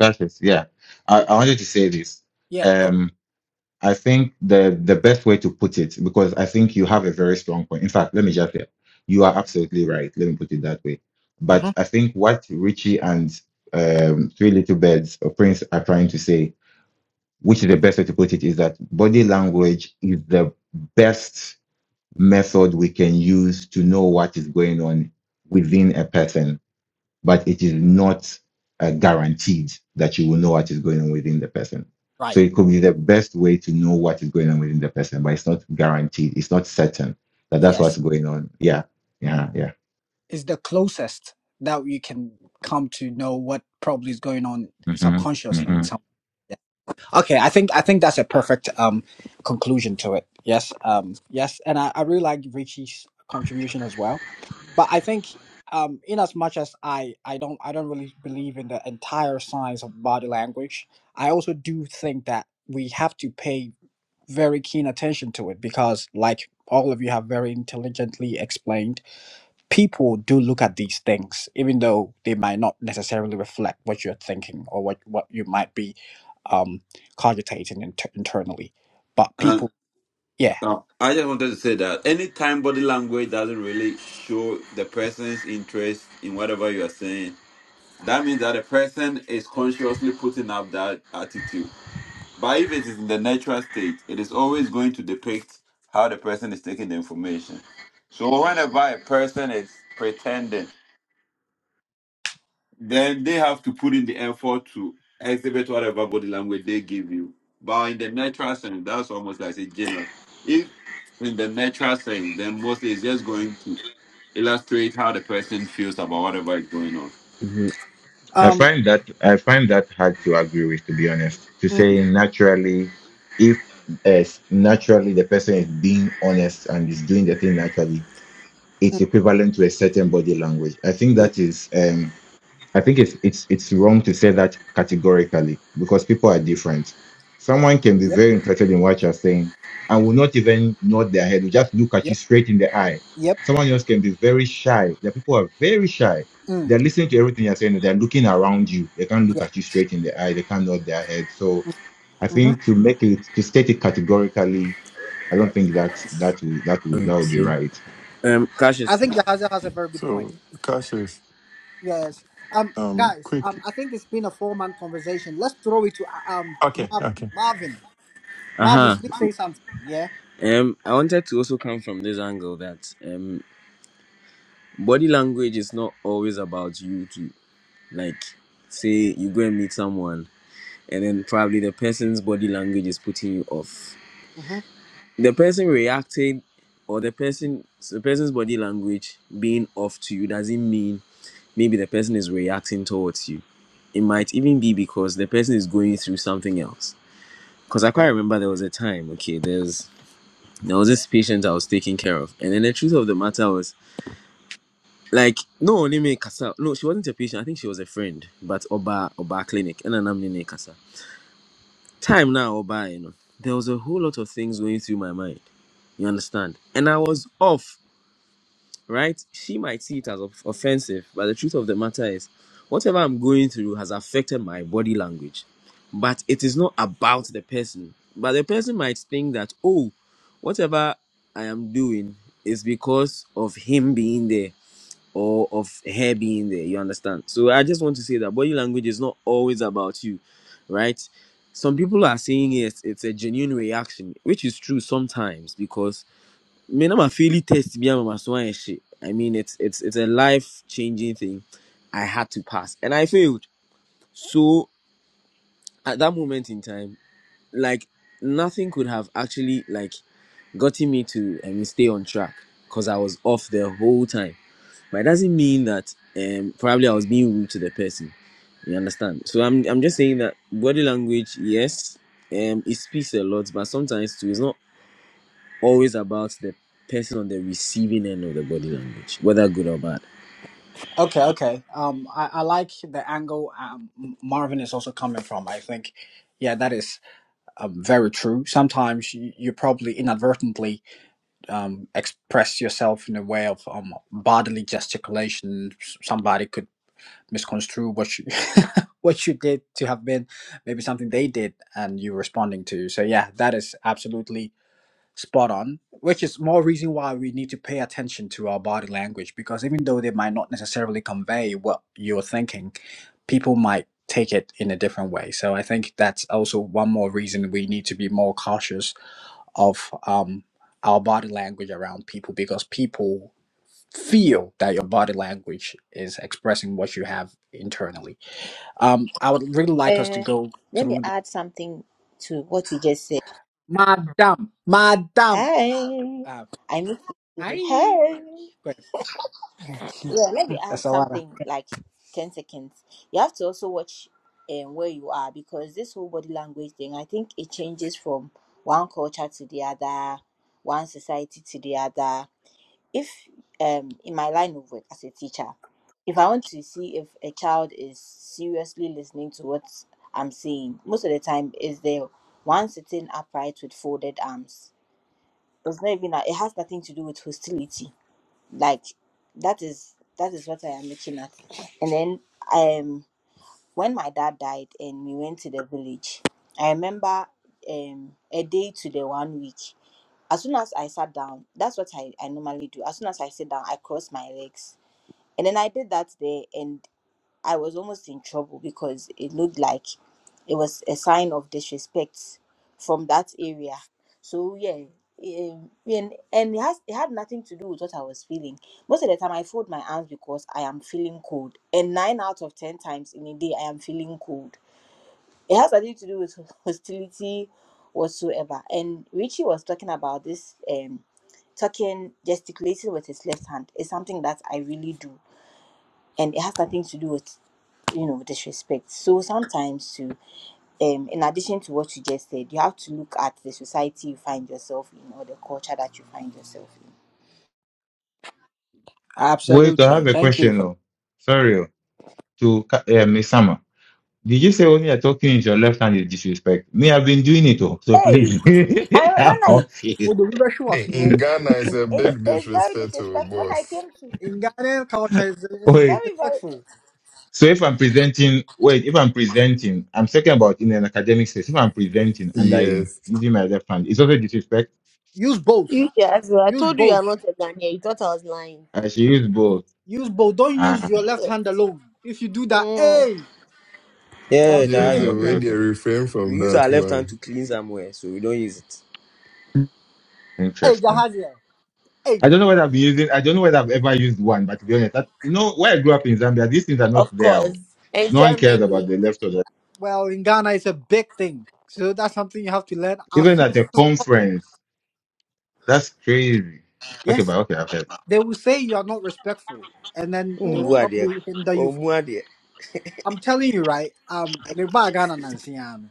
Cassius. Yeah. I, I wanted to say this. Yeah. Go. Um. I think the the best way to put it because I think you have a very strong point. In fact, let me just say you are absolutely right. Let me put it that way. hmm But I think what Richie and um, Three Little Birds or Prince are trying to say which is the best way to put it is that body language is the best method we can use to know what is going on within a person, but it is not uh, guaranteed that you will know what is going on within the person. Right. So it could be the best way to know what is going on within the person, but it's not guaranteed. It's not certain that that's Yes. what's going on. Yeah, yeah, Is the closest that you can come to know what probably is going on yeah. subconsciously hmm in some. Okay, I think I think that's a perfect um conclusion to it. Yes, um, yes, and I, I really like Richie's contribution as well. But I think um, in as much as I I don't I don't really believe in the entire science of body language, I also do think that we have to pay very keen attention to it because, like all of you have very intelligently explained people do look at these things, even though they might not necessarily reflect what you're thinking or what, what you might be um, cogitating inter- internally. But people, yeah. No, I just wanted to say that anytime body language doesn't really show the person's interest in whatever you are saying, that means that the person is consciously putting up that attitude. But if it is in the natural state, it is always going to depict how the person is taking the information. So whenever a person is pretending then they have to put in the effort to exhibit whatever body language they give you. But in the natural sense, that's almost like a general. If in the natural sense, then mostly it's just going to illustrate how the person feels about whatever is going on. Mhm. I Um. find that I find that hard to agree with, to be honest. To Mm, say naturally, if as naturally the person is being honest and is doing the thing naturally, it's mm, equivalent to a certain body language. I think mm, that is. Um, I think it's it's it's wrong to say that categorically because people are different. Someone can be yep. very interested in what you're saying and will not even nod their head, will just look at you Yep. straight in the eye. Yep. Someone else can be very shy. The people are very shy. Mm, They're listening to everything you're saying, they're looking around you. They can't look yeah. at you straight in the eye, they can't nod their head. So I hmm think to make it to state it categorically, I don't think that that will that will that will be Okay. right. Um, I Cassius. think Yahaza has a very good point. So, Cassius, Yes. Um, um, guys. Um, quick. I think it's been a four-man conversation. Let's throw it to uh, um Okay, Marvin. okay. Marvin. Uh Marvin, huh. please say something. yeah? Um, I wanted to also come from this angle that um, body language is not always about you to like say you go and meet someone and then probably the person's body language is putting you off. Mm-hmm. The person reacting or the person the person's body language being off to you doesn't mean maybe the person is reacting towards you. It might even be because the person is going through something else. Because I quite Okay. remember there was a time, okay, there's there was this patient I was taking care of, and then the truth of the matter was, like, no only me kasa. No, she wasn't a patient. I think she was a friend, but Oba Oba Clinic, and I'm name kasa. Time now Oba, you know, there was a whole lot of things going through my mind. You understand? And I was off. right? She might see it as of- offensive, but the truth of the matter is, whatever I'm going through has affected my body language. But it is not about the person. But the person might think that, oh, whatever I am doing is because of him being there or of her being there. You understand? So I just want to say that body language is not always about you, right? Some people are saying yes, it's a genuine reaction, which is true sometimes because me na my fairly test be my so shit. I mean, it's it's it's a life changing thing. I had to pass, and I failed. So at that moment in time, like nothing could have actually like gotten me to I mean stay on track because I was off the whole time. But it doesn't mean that um probably I was being rude to the person. You understand? So I'm I'm just saying that body language, yes, um, it speaks a lot, but sometimes too, it's not always about the person on the receiving end of the body language, whether good or bad. Okay. Okay. Um, I, I like the angle um, M- Marvin is also coming from. I think, yeah, that is um, very true. Sometimes you, you probably inadvertently um, express yourself in a way of um, bodily gesticulation. S- Somebody could misconstrue what you what you did to have been maybe something they did and you responding to. So yeah, that is absolutely spot on. Which is more reason why we need to pay attention to our body language because even though they might not necessarily convey what you're thinking, people might take it in a different way. So I think that's also one more reason we need to be more cautious of um, our body language around people because people feel that your body language is expressing what you have internally. Um, I would really like us to Uh, go let me through the add something to what you just said. Madam, Madam. Hey, Uh, I miss you. hi. too. Hey, Good. yeah. Let me That's add a lot. something like ten seconds. You have to also watch um, where you are because this whole body language thing. I think it changes from one culture to the other, one society to the other. if um in my line of work as a teacher if i want to see if a child is seriously listening to what i'm saying most of the time is there one sitting upright with folded arms it's not even a, it has nothing to do with hostility like that is that is what i am looking at and then um when my dad died and we went to the village, I remember um, a day to the one week. As soon as I sat down, that's what I, I normally do. As soon as I sit down, I cross my legs. And then I did that day, and I was almost in trouble because it looked like it was a sign of disrespect from that area. So yeah, um, and and it has it had nothing to do with what I was feeling. Most of the time, I fold my arms because I am feeling cold, and nine out of ten times in a day, I am feeling cold. It has nothing to do with hostility whatsoever. And Richie was talking about this um talking gesticulating with his left hand is something that I really do, and it has nothing to do with you know disrespect so sometimes to um in addition to what you just said you have to look at the society you find yourself in or the culture that you find yourself in Wait, I Absolutely. have a Thank you question. for. oh. Sorry, oh, to Ka- uh, Miss Sama. Did you say when you're talking with your left hand is disrespect? Me, I've been doing it all. So hey please, i I'm when Hmm. i confused. Well, the river she was In more- in Ghana, it's a it's big it's very disrespect to a disrespectful when i boss. came to In Ghanaian culture, it's, it's Wait. very very disrespectful. So if I'm presenting, wait, if I'm presenting, I'm talking about in an academic space. If I'm presenting and I'm Yes. using my left hand, it's also disrespect. Use both. You yes, I Use told you you are both. not a Ghanaian. You thought I was lying. I should use both. Use both. Don't use Ah, your left hand alone. If you do Yes. that, Mm, hey, Yeah, Yes, ah, Jazio. continue. okay, way they okay. refrain We from use that our left hand one. to clean somewhere, so we don't use it. hey, Interesting. Jahazia, hey. I don't know whether I've been using, I don't know whether I've ever used one, but to be honest, that, you know, where I grew up in Zambia, these things are not of there. oh. course. And No one cares about Germany. the left or the right. Well, in Ghana, it's a big thing. So that's something you have to learn as Even soon. at a conference, that's crazy. Okay, Yes. but okay, okay. they will say you are not respectful, and then they will Mm. Umbuadie. probably hinder you. From, Omuadie. I'm telling you, right? Um, meba Ghana Nansi ano.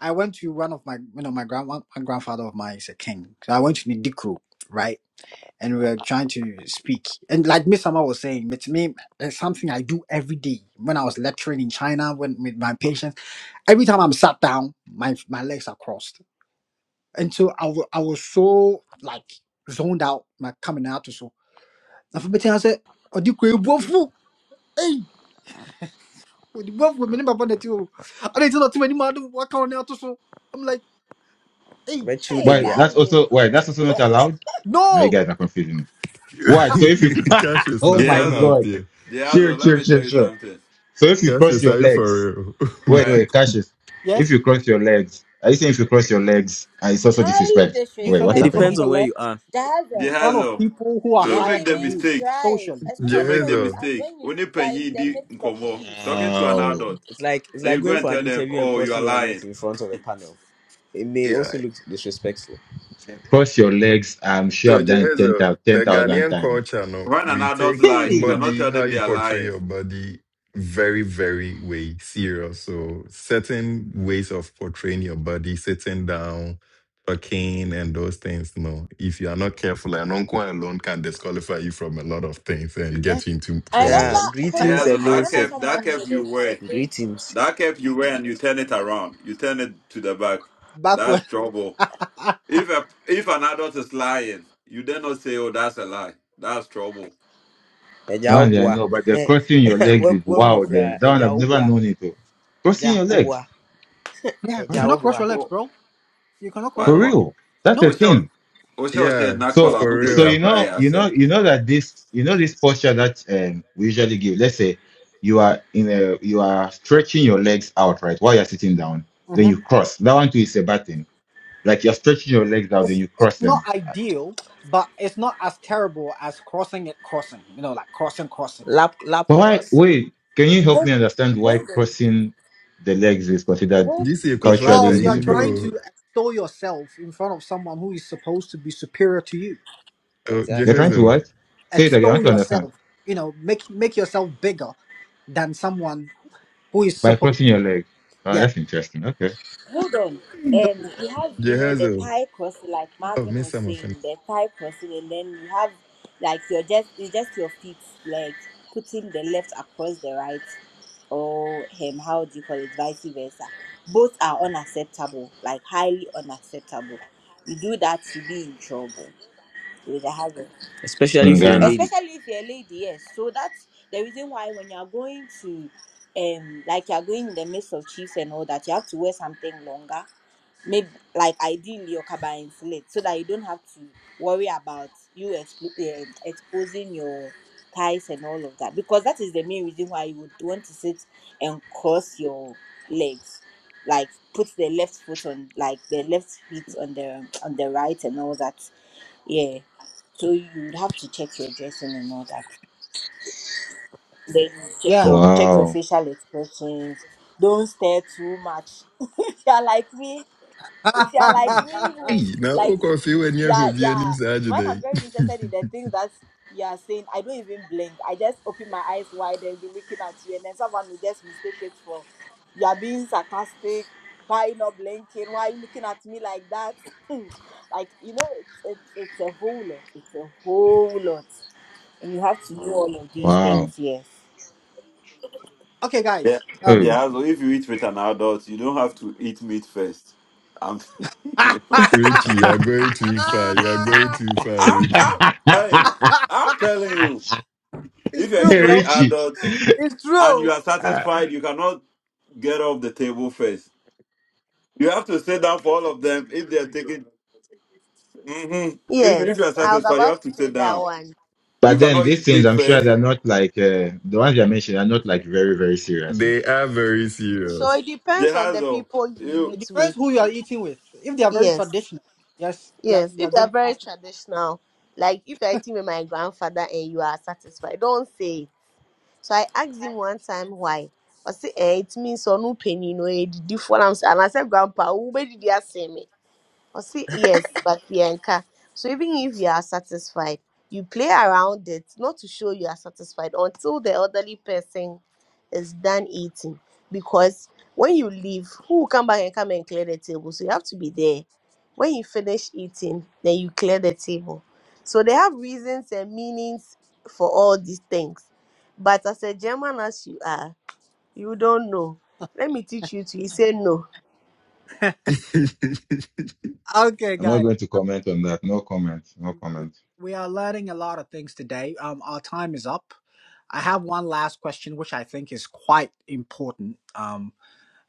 I went to one of my, you know, my grand, my grandfather of mine is a king. So I went to Nidikro, right? And we were trying to speak. And like Miss Sama was saying, it's me, it's something I do every day. When I was lecturing in China, when with my patients, every time I'm sat down, my my legs are crossed. And so I wa- I was so like zoned out, my coming out to so. I said, hey, with the wealth women in my bonnet, you. And it's not too many man. What can I do? So I'm like, hey, hey Wait, Rechudedia. that's Marvin, also wait, that's also not allowed. Now you no. guys are confusing me. What? So if you Cassius, oh that's my an out Dehazel, god, there. sure, Dehazel, let sure, me tell sure, you sure. something. So if you cross Cassius, your are you legs, for real? All wait, right, wait, Cassius, if Yes, you cross your legs, are you saying if you cross your legs, uh, it's also highly disrespect? you Wait, cannot what's It cross depends happening? your on disrespectful where legs you are. in dazzle front of Dehazel, people who are so, don't don't higher make the than even you mistake. try it socially. Don't especially make when the you Jehezo, are- mistake. when you Only are in penny the di midst of nkomo chiefs talking to an Wow, adult, It's like it's then like you go going and for an tell them, interview and "Oh, you are crossing your legs lying." in front of a panel. It may yeah. also look disrespectful. cross your legs. I'm sure So I've done it Jehezo, 10,000 the 10,000 Ghanaian times. culture, no, When an we adult take lies, you Hey, cannot body, tell how them they you are portray lying your body, very, very way serious. So certain ways of portraying your body, sitting down, talking, and those things, no. If you are not careful, an uncle alone can disqualify you from a lot of things and Yes, get you into i remember trouble. Yeah, hold greetings on Jehazel, i alone, that remember cap, safe. that someone cap made a, you a wear, facebook Greetings. that cap you wear, and you turn it around. You turn it to the back. That's Backward. trouble. If a, if an adult is lying, you then not say, "Oh, that's a lie." That's trouble. that Eja one I obwa. know, but the crossing your legs is wow. Wekukra. Then that one Eja I've never obwa. known it. oh. Crossing Eja your legs, obwa. yeah, you Eja wow, cannot cross obwa. your legs, Oh, bro. You cannot cross for what? your legs. What? real. That's a No, Osho, thing. Osho Yeah, said, "Not call f- So, an for so upeja you real. cry know, you know, yourself." you know that this, you know, this posture that um, we usually give. Let's say you are in a, you are stretching your legs out, right, while you're sitting down. Then hmm you cross. That one too is a bad thing. Like you're stretching your legs out, then it's you it's cross not them. Uh, ideal, but it's not as terrible as crossing it, crossing. You know, like crossing, crossing, Lap lap But why? cross. Wait, can you help me hold understand why hold on crossing the legs is considered This is Kofa because culturally you are trying disrespectful? to Ibro. extol yourself in front of someone who is supposed to be superior to you. You're Exactly. trying to Jehezo, what? Say it again. I extol want to understand. yourself you know make make yourself bigger than someone who is By supposed crossing your leg. Oh, yeah that's interesting. Okay. Hold on. so Um, you have, you know, the Jehezo. Thai crossing, like Oh, Marvin Miss was Summer saying, the Thai crossing, and then you have like your just it's just your feet, like putting the left across the right, or him, how do you call it, vice versa. Both are unacceptable, like highly unacceptable. You do that, you be in trouble with a hazard, especially In if you're a Ghana. lady. especially if you're a lady. Yes, so that's the reason why when you're going to, um, like you're going in the midst of chiefs and all that, you have to wear something longer maybe like ideally your kaba insulate so that you don't have to worry about you expl- um, exposing your thighs and all of that because that is the main reason why you would want to sit and cross your legs like put the left foot on like the left feet on the on the right and all that yeah so you'd have to check your dressing and all that then check yeah your check your Wow. facial expressions don't stare too much if you're like me if you're like me who Hey, now like Okofio When yeah Yahobi and yeah him when i'm Saturday. very interested in the things that you're saying i don't even blink i just open my eyes wide and be looking at you and then someone will just mistake it for you're being sarcastic why you not blinking why you looking at me like that like you know it's, it's it's a whole lot it's a whole lot and you have to do all of yeah these Wow. things yes okay Yeah, guys um Hey. yeah. So if you eat with an adult, you don't have to eat meat first. I'm, you know, Richie, you are going too far. You are going too far, I'm, Richie. I'm, hey, I'm telling you, it's if you're true eating bro with Richie. adults it's and you true are Uh, satisfied, you cannot get off the table first. You have to sit down for all of them if they are taking. hmm If, if you Yes, are I was satisfied, you about have to to say sit that down. one. You but then cannot these eat things, meat I'm sure first. they're not like uh, the ones you mentioned are not like very, very serious. I'm They are very So it serious. depends on the Jehazo, people you you. it meet with. depends who you are eating with if they are very Yes. traditional yes they are, Yes, they if are they going are to very fast traditional, like if you're eating with my grandfather and you are satisfied, don't say it. So I asked him one time why. I said, eh, it means so no penny, no, it different. And I said, Grandpa, who made you say me? Or say yes, but Bianca. So even if you are satisfied, you play around it not to show you are satisfied until the elderly person is done eating. Because when you leave, who will come back and come and clear the table? So you have to be there. When you finish eating, then you clear the table. So they have reasons and meanings for all these things. But as a German as you are, you don't know. Let me teach you to. He said no. Maybe okay not going to guys comment on that. No comment. No we comment. we are learning a lot of things today. Um, our time is up. I have one last question, which I think is quite important. Um,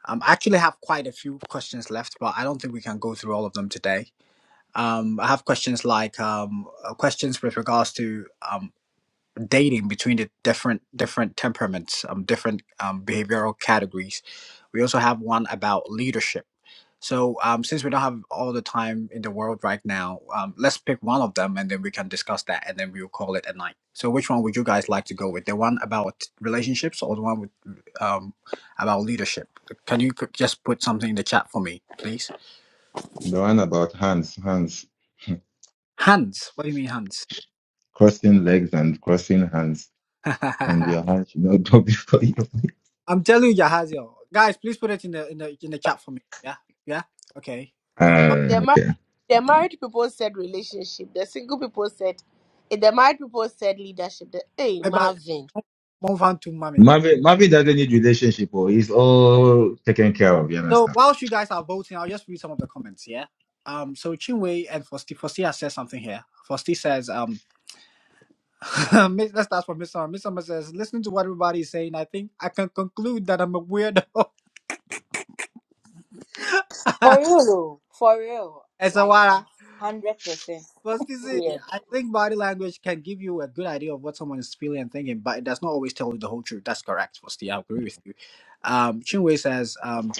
um, I actually have quite a few questions left, but I don't think we can go through all of them today. Um, I have questions like um, uh, questions with regards to um dating between the different different temperaments, um, different um, behavioral categories. We also have one about leadership. So um, since we don't have all the time in the world right now, um, let's pick one of them and then we can discuss that and then we'll call it a night. So which one would you guys like to go with? The one about relationships or the one with um, about leadership? Can you c- just put something in the chat for me, please? The one about hands, hands, Hands. What do you mean hands? crossing legs and crossing hands, and your hands should not go before you. I'm telling you, Jahazio. Guys, please put it in the in the in the chat for me. Yeah, yeah, okay. Um, but Uh, The okay. The married people said relationship. The single people said, eh, the married people said leadership. The, hey, but Marvin. move on to mommy. Marvin, Marvin doesn't need relationship, or he's all taken care of. You So understand? whilst you guys are voting, I'll just read some of the comments. Yeah. Um. So Chinwei and Fosti Fosti has said something here. Fosti says, um, Miss- let's start from Miss Summer. Miss Summer says, listening to what everybody is saying, I think I can conclude that I'm a weirdo. for real though, for real As a like wara. i'm 100% But you see, yeah I think body language can give you a good idea of what someone is feeling and thinking, but it does not always tell you the whole truth. That's correct, Fosti. I agree with you. Um, Chinwe says um,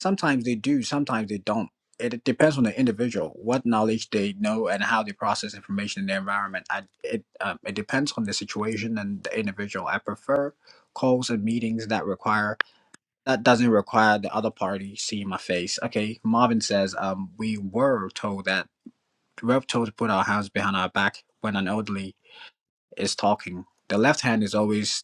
sometimes they do, sometimes they don't. It depends on the individual, what knowledge they know, and how they process information in their environment. I, it um, it depends on the situation and the individual. I prefer calls and meetings that require that doesn't require the other party seeing my face. Okay, Marvin says um, we were told that we're told to put our hands behind our back when an elderly is talking. The left hand is always,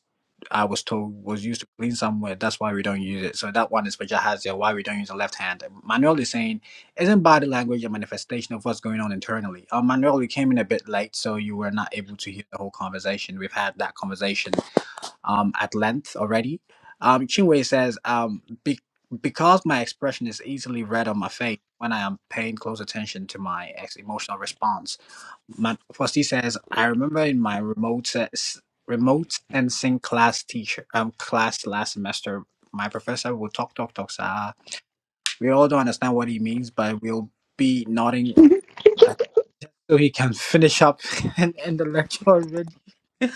I was told, was used to clean somewhere. That's why we don't use it. So that one is for Jahazia, why we don't use the left hand. Manuel is saying, isn't body language a manifestation of what's going on internally? Uh, Manuel, you came in a bit late, so you were not able to hear the whole conversation. We've had that conversation um, at length already. Um, Chinwe says, um, be- because my expression is easily read on my face when I am paying close attention to my ex- emotional response. Matt Fossey says, I remember in my remote ses- remote sensing class teacher um class last semester, my professor would talk talk talk. So Uh, we all don't understand what he means, but we'll be nodding uh, so he can finish up and end the lecture already.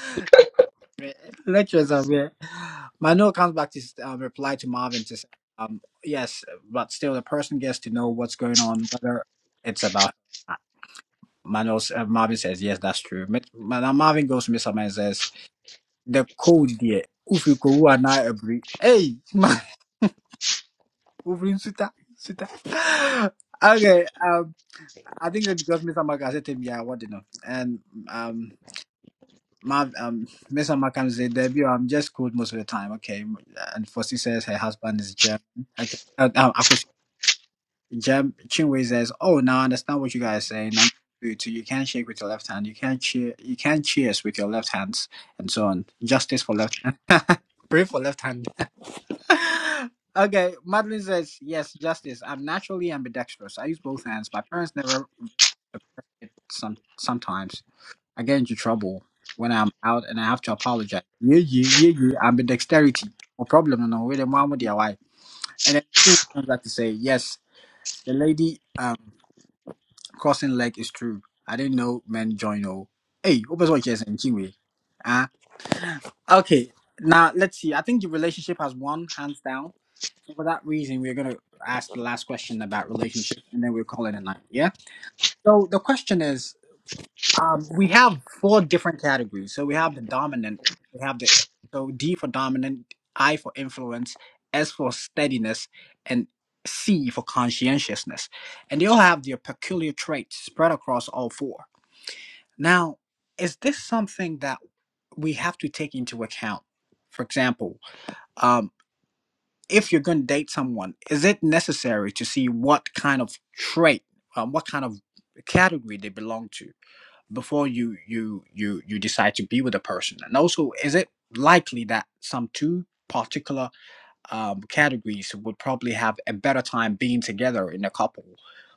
Lectures are weird. Manuel comes back to um, reply to Marvin to say, um, yes, but still the person gets to know what's going on, whether it's about. Manuel, uh, Marvin says, yes, that's true. Mit, Marvin goes to Mr. Man and says, the code there, Ufiko Wana Ebri. Hey, man, Ubrin Suta, Suta. Okay, um, I think that because Mr. Mark has said to me, yeah, what do you know? And, um, Marv, um, Mr. Mark comes say, Debbie, I'm just cold most of the time. Okay. And Fossey says her husband is German. Okay. Uh, um, Jeb Chinwe says, "Oh, now I understand what you guys say. Now you do it too. You can't shake with your left hand. You can't cheer. You can't cheers with your left hands, and so on. Justice for left hand. Pray for left hand." okay, Madeline says, "Yes, justice. I'm naturally ambidextrous. I use both hands. My parents never suppressed it. Some sometimes I get into trouble when I'm out and I have to apologize. Yeah, yeah, yeah, yeah. Ambidexterity No problem. No, no, wait, mom with their wife." And then she comes back to say, "Yes." The lady um crossing leg is true. I didn't know men join all. Hey, open what you're saying, Chinwe. Ah, okay. Now let's see. I think the relationship has won hands down. So for that reason, we're gonna ask the last question about relationship, and then we'll call it a night. Yeah. So the question is. Um, we have four different categories. So we have the dominant, we have the so D for dominant, I for influence, S for steadiness, and C for conscientiousness. And they all have their peculiar traits spread across all four. Now, is this something that we have to take into account? For example, um, if you're going to date someone, is it necessary to see what kind of trait, um, what kind of category they belong to? before you you you you decide to be with a person and also is it likely that some two particular um, categories would probably have a better time being together in a couple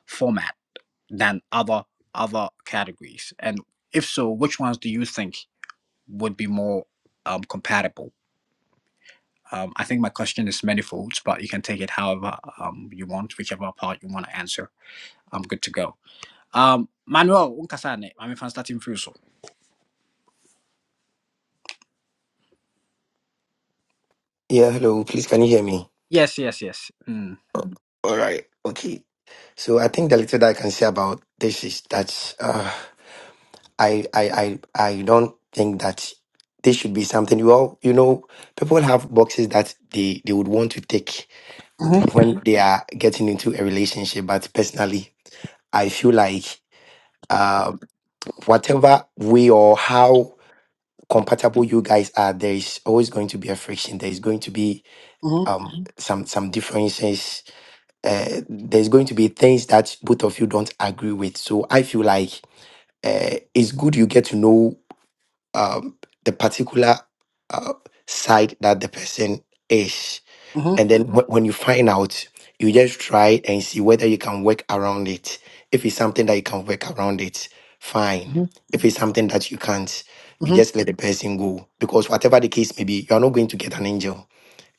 format than other other categories and if so which ones do you think would be more um, compatible um, i think my question is manifolds but you can take it however um, you want whichever part you want to answer i'm good to go um, manuel unkasane i'm starting through so Yeah, hello. Please, can you hear me? yes yes yes mm. Oh, All right. Okay. So I think the little that I can say about this is that uh, I, I I I don't think that this should be something you all you know people have boxes that they they would want to take when they are getting into a relationship. But personally, I feel like uh, whatever way or how compatible you guys are, there is always going to be a friction. There is going to be Mm-hmm. um some some differences uh, there's going to be things that both of you don't agree with. So I feel like uh, it's good you get to know um, the particular uh, side that the person is. Mm-hmm. And then wh- when you find out, you just try and see whether you can work around it. If it's something that you can work around it, fine. Mm-hmm. If it's something that you can't, you hmm just let the person go. Because whatever the case may be, you are not going to get an angel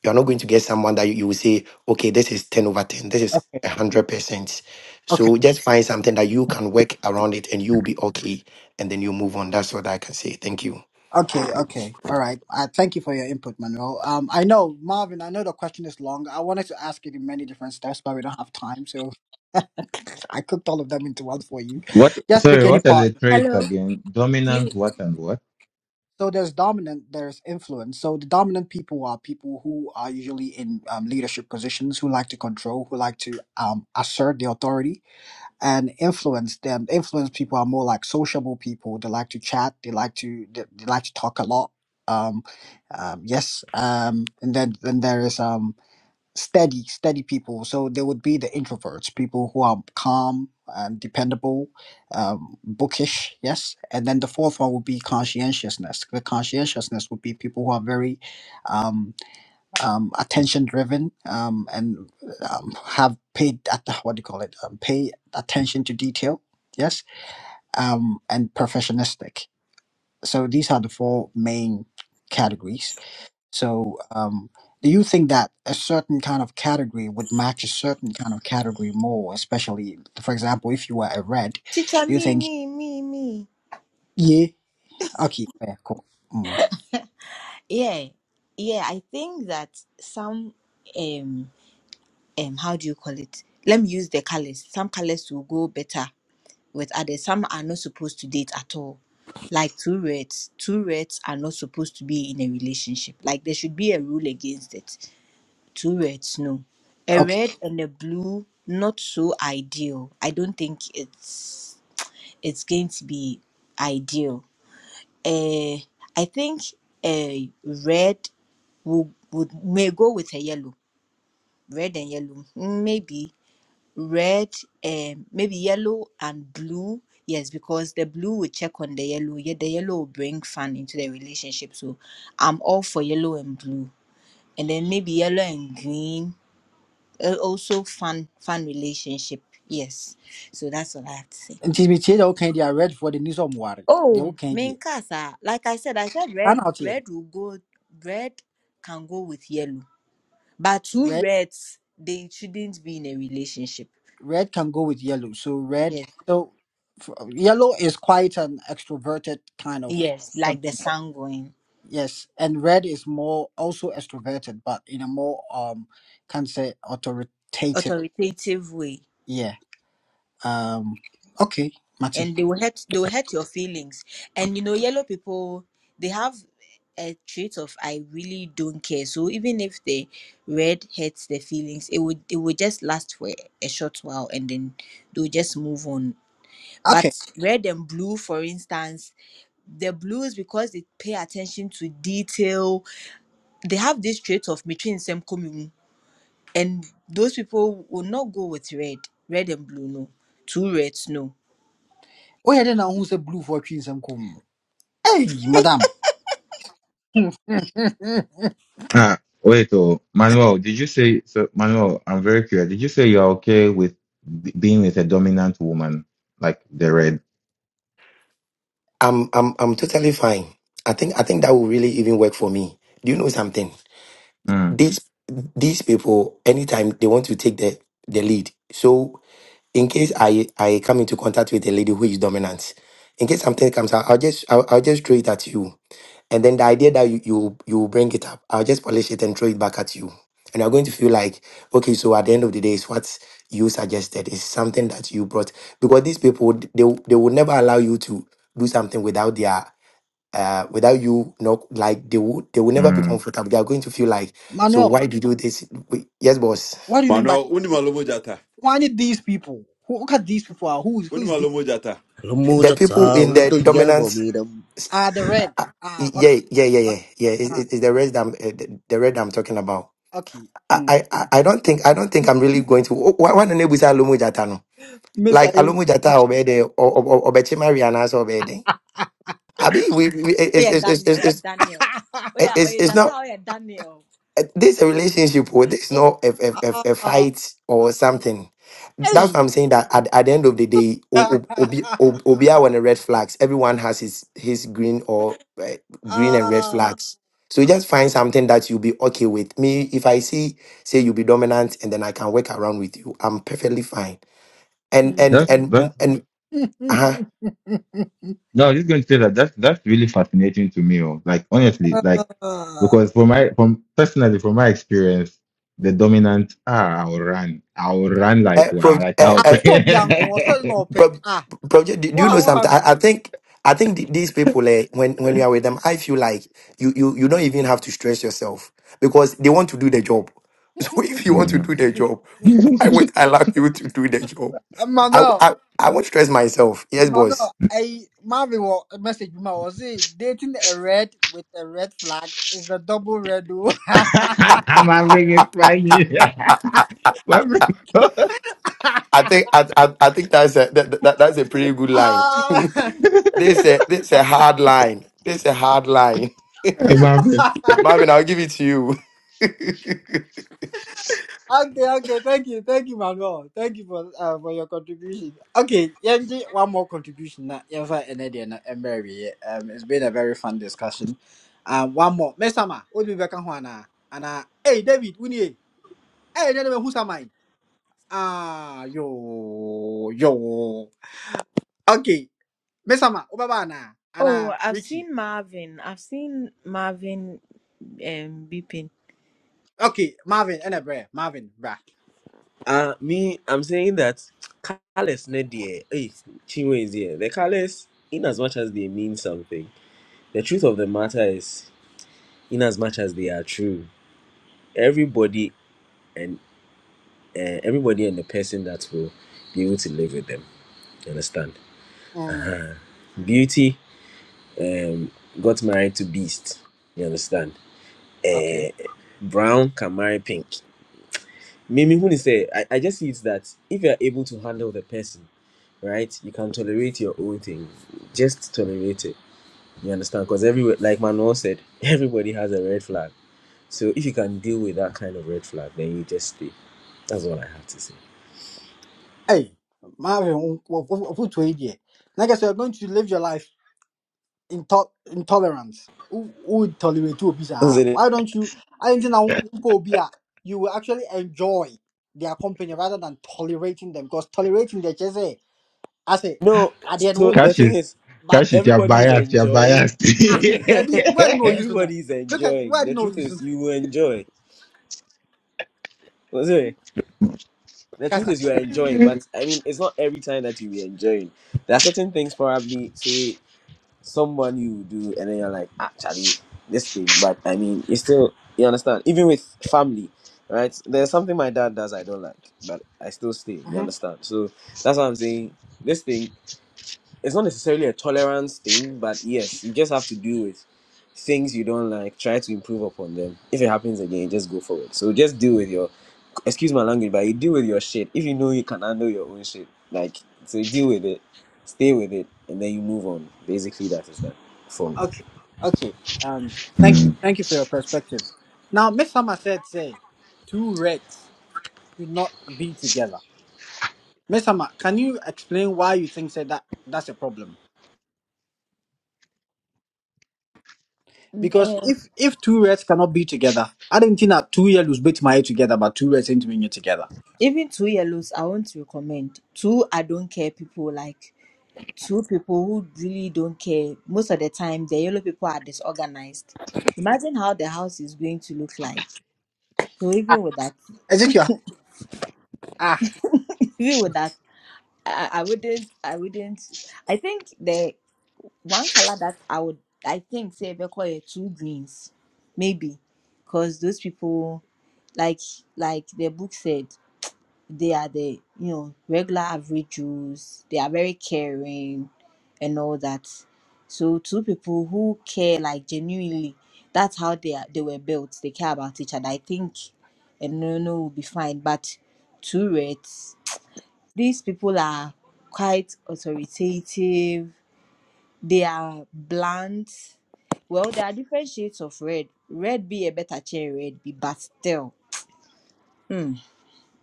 you're not going to get someone that you, you will say, okay, this is 10 over 10, this is Okay. 100%. Okay. So just find something that you can work around it and you'll be okay. And then you move on. That's what I can say. Thank you. Okay. Okay. All right. I thank you for your input, Manuel. Um, I know Marvin. I know the question is long. I wanted to ask it in many different steps, but we don't have time, so I cooked all of them into one for you. What? Just Sorry. pick any What are the part. you wanna traits hello again? please Dominant. What and what? So there's dominant, there's influence. So the dominant people are people who are usually in um, leadership positions, who like to control, who like to um, assert the authority and influence them. Influence people are more like sociable people. They like to chat. They like to they, they like to talk a lot. Um, um, yes. Um, and then then there is um steady steady people. So there would be the introverts, people who are calm and dependable, um, bookish. Yes. And then the fourth one would be conscientiousness. The conscientiousness would be people who are very, um um, attention driven um, and um, have paid at what do you call it um, pay attention to detail yes um, and perfectionistic so these are the four main categories so um, do you think that a certain kind of category would match a certain kind of category more especially for example if you were a red Teacher, do you me, think me, me, me. yeah okay yeah, cool mm. Yeah, yeah. I think that some um um how do you call it? Let me use the colors. Some colors will go better with others. Some are not supposed to date at all. Like two reds, two reds are not supposed to be in a relationship. Like there should be a rule against it. Two reds, no. A okay red and a blue, not so ideal. I don't think it's it's going to be ideal uh, I think a red would would may go with a yellow, red and yellow, mm, maybe red, um, maybe yellow and blue. Yes, because the blue will check on the yellow. Yeah, the yellow will bring fun into the relationship. So I'm all for yellow and blue, and then maybe yellow and green. uh, Also, fun fun relationship. Yes, so that's all I have to say. nti metiɛ deɛ woka yi deɛ red for the news of ɔmware deɛ Oh, woka yi deɛ Minkasa, like I said, I said saa red, na woteɛ red will go, red can go with yellow. But two reds, they shouldn't be in a relationship. red can go with yellow. So red, Yes. so f- yellow is quite an extroverted kind of Yes, like the temperament. sanguine, Yes, and red is more also extroverted, but in a more um, can say authoritative. authoritative way. Yeah. Um. Okay, Mate. And they will hurt, they will hurt your feelings. And you know, yellow people, they have a trait of I really don't care. So even if the red hurts their feelings, it would it would just last for a short while and then they'll just move on Okay. But red and blue, for instance, the blues because they pay attention to detail, they have this trait of between same coming. And those people will not go with red. Red and blue, no. Two reds, no. Oh yeah, then I who say blue for trees and kum. Hey, madam. Ah, wait, oh, Manuel, did you say, so Manuel, I'm very curious. Did you say you're okay with b- being with a dominant woman, like the red? I'm I'm I'm totally fine. I think I think that will really even work for me. Do you know something? Mm, These these people, anytime they want to take the the lead. So in case I I come into contact with a lady who is dominant, in case something comes out, I'll just I'll, I'll just throw it at you, and then the idea that you you you bring it up, I'll just polish it and throw it back at you, and you're going to feel like okay, so at the end of the day, it's what you suggested It's something that you brought because these people would- they will- they would never allow you to do something without their uh without you not like they would they will never be mm. comfortable they are going to feel like so Manuel, why do you do this We- yes boss what do you mean by Mano, unimalomo jata. why did these people? Who, look at these people. Are, who is who is the? Unimalomo jata. the people Ramojata, in the dominant me? Ah, the red. Ah, Y- Yeah, okay. yeah, yeah, yeah, yeah. It, Ah, it, it's the red that I'm, uh, the the red that I'm talking about. okay. I, Mm. I, I I don't think, I don't think I'm really going to. Why, why don't we say Alomu Jata no? Miss A. Like Alomu Jata obey the or or or Mariana so obede. Abi, we, we Oh it's, yeah, it's, it's, it's, Daniel. Oh yeah, it's, Daniel. Oh yeah, oh it's, yeah, it's Jata. not. Oh yeah, Daniel. uh, This a relationship, or this is not a, a, a, a Ah, fight or something. That's what hey. I'm saying. That at, at the end of the day, o- o- obi o- obi are on the red flags. Everyone has his his green or uh, green and red ah. flags. So you just find something that you'll be okay with. Me, if I see, say you'll be dominant, and then I can work around with you. I'm perfectly fine. And Mm. and That's, and that's, and uh, no, I'm just going to say that that's, that's really fascinating to me. Oh. Like, honestly, like, Ah. because from my, from personally, from my experience, the dominant, ah, I'll run. I'll run like, uh, pro, wow, like, uh, I'll, Ah, so uh, Bianco, so no pe. bro, Ah, bro do, do you what know ha- what something? I, I happened? think I think th- these people, eh, when when you are with them, I feel like you you you don't even have to stress yourself because they want to do the job. So if you want to Mm. do the job, why would I allow you to do the job? Uh, I Manuel, I, I won't stress myself. Yes, Manuel, boss. I Marvin will message me. Was it dating a red with a red flag is a double red. I'm having it funny. My bad. I think I I, I think that's a that, that, that's a pretty good line. ah, This a this a hard line. This a hard line. My Marvin, I'll give it to you. Okay, okay, thank you, thank you, Manuel. Thank you for uh, for your contribution. Okay, yeah, one more contribution. Now, yeah, and Eddie and Mary, um, it's been a very fun discussion. Um, one more, Mesama, what do we back on now? And uh, hey, David, we need hey, David, who's am I? Ah, yo, yo. Okay, Mesama, Obaba na, and Oh, uh, I've Ricky. seen Marvin. I've seen Marvin um beeping. Okay, Marvin, and a Marvin, bra. Uh me, I'm saying that careless not there. Hey, Chinwe is here. The careless, in as much as they mean something, the truth of the matter is, in as much as they are true, everybody and uh, everybody and the person that will be able to live with them. You understand? Mm, Beauty um got married to Beast. You understand? Uh, okay. brown can marry pink. Mimi Huni say, I, I just see it's that if you're able to handle the person, right, you can tolerate your own thing. Just tolerate it. You understand? Because every like Manuel said, everybody has a red flag. So if you can deal with that kind of red flag, then you just stay. That's all I have to say. Hey, Marvin, what what what what? Now, guess you're going to live your life. into- intolerance. Who who would tolerate you? That's sir? it. Why don't you? I think now you will actually enjoy their company rather than tolerating them because tolerating them just say I say No, at the end so won't p- the bad. thing is, but Kashi, you're everybody is biased. You're enjoying. biased. ah Every baby where you know you know everybody is look at enjoying. where you The know truth you know is, you will enjoy. The truth Kasa is, you are enjoying, but I mean, it's not every time that you be enjoying. There are certain things, probably, say, someone you do, and then you're like, actually, this thing, but I mean, it's still, you understand? Even with family, right? There's something my dad does I don't like, but I still stay, you mm-hmm. understand? So that's what I'm saying. This thing, it's not necessarily a tolerance thing, but yes, you just have to deal with things you don't like, try to improve upon them. If it happens again, just go forward. So just deal with your excuse my language, but you deal with your shit. If you know you can handle your own shit, like so you deal with it, stay with it, and then you move on. Basically, that is that for me. okay okay um thank you Mm. thank you for your perspective now Miss Sama said say two reds should not be together Miss Sama can you explain why you think say that that's a problem Because Um, if if two reds cannot be together, I didn't think that two yellows bit my together, but two reds ain't being together. even two yellows, I want to recommend. Two I don't care people like. two people who really don't care. Most of the time, the yellow people are disorganized. Imagine how the house is going to look like. So even with that, Is it your ah? even with that, I, I wouldn't, I wouldn't. I think the one color that I would, I think, say, because two greens, maybe, because those people, like, like the book said. they are the you know regular average Jews. They are very caring and all that. So two people who care like genuinely, that's how they are they were built. They care about each other. I think and no no will be fine. But two reds, these people are quite authoritative. They are blunt. Well, there are different shades of red. Red be a better chair, red be, but still. hmm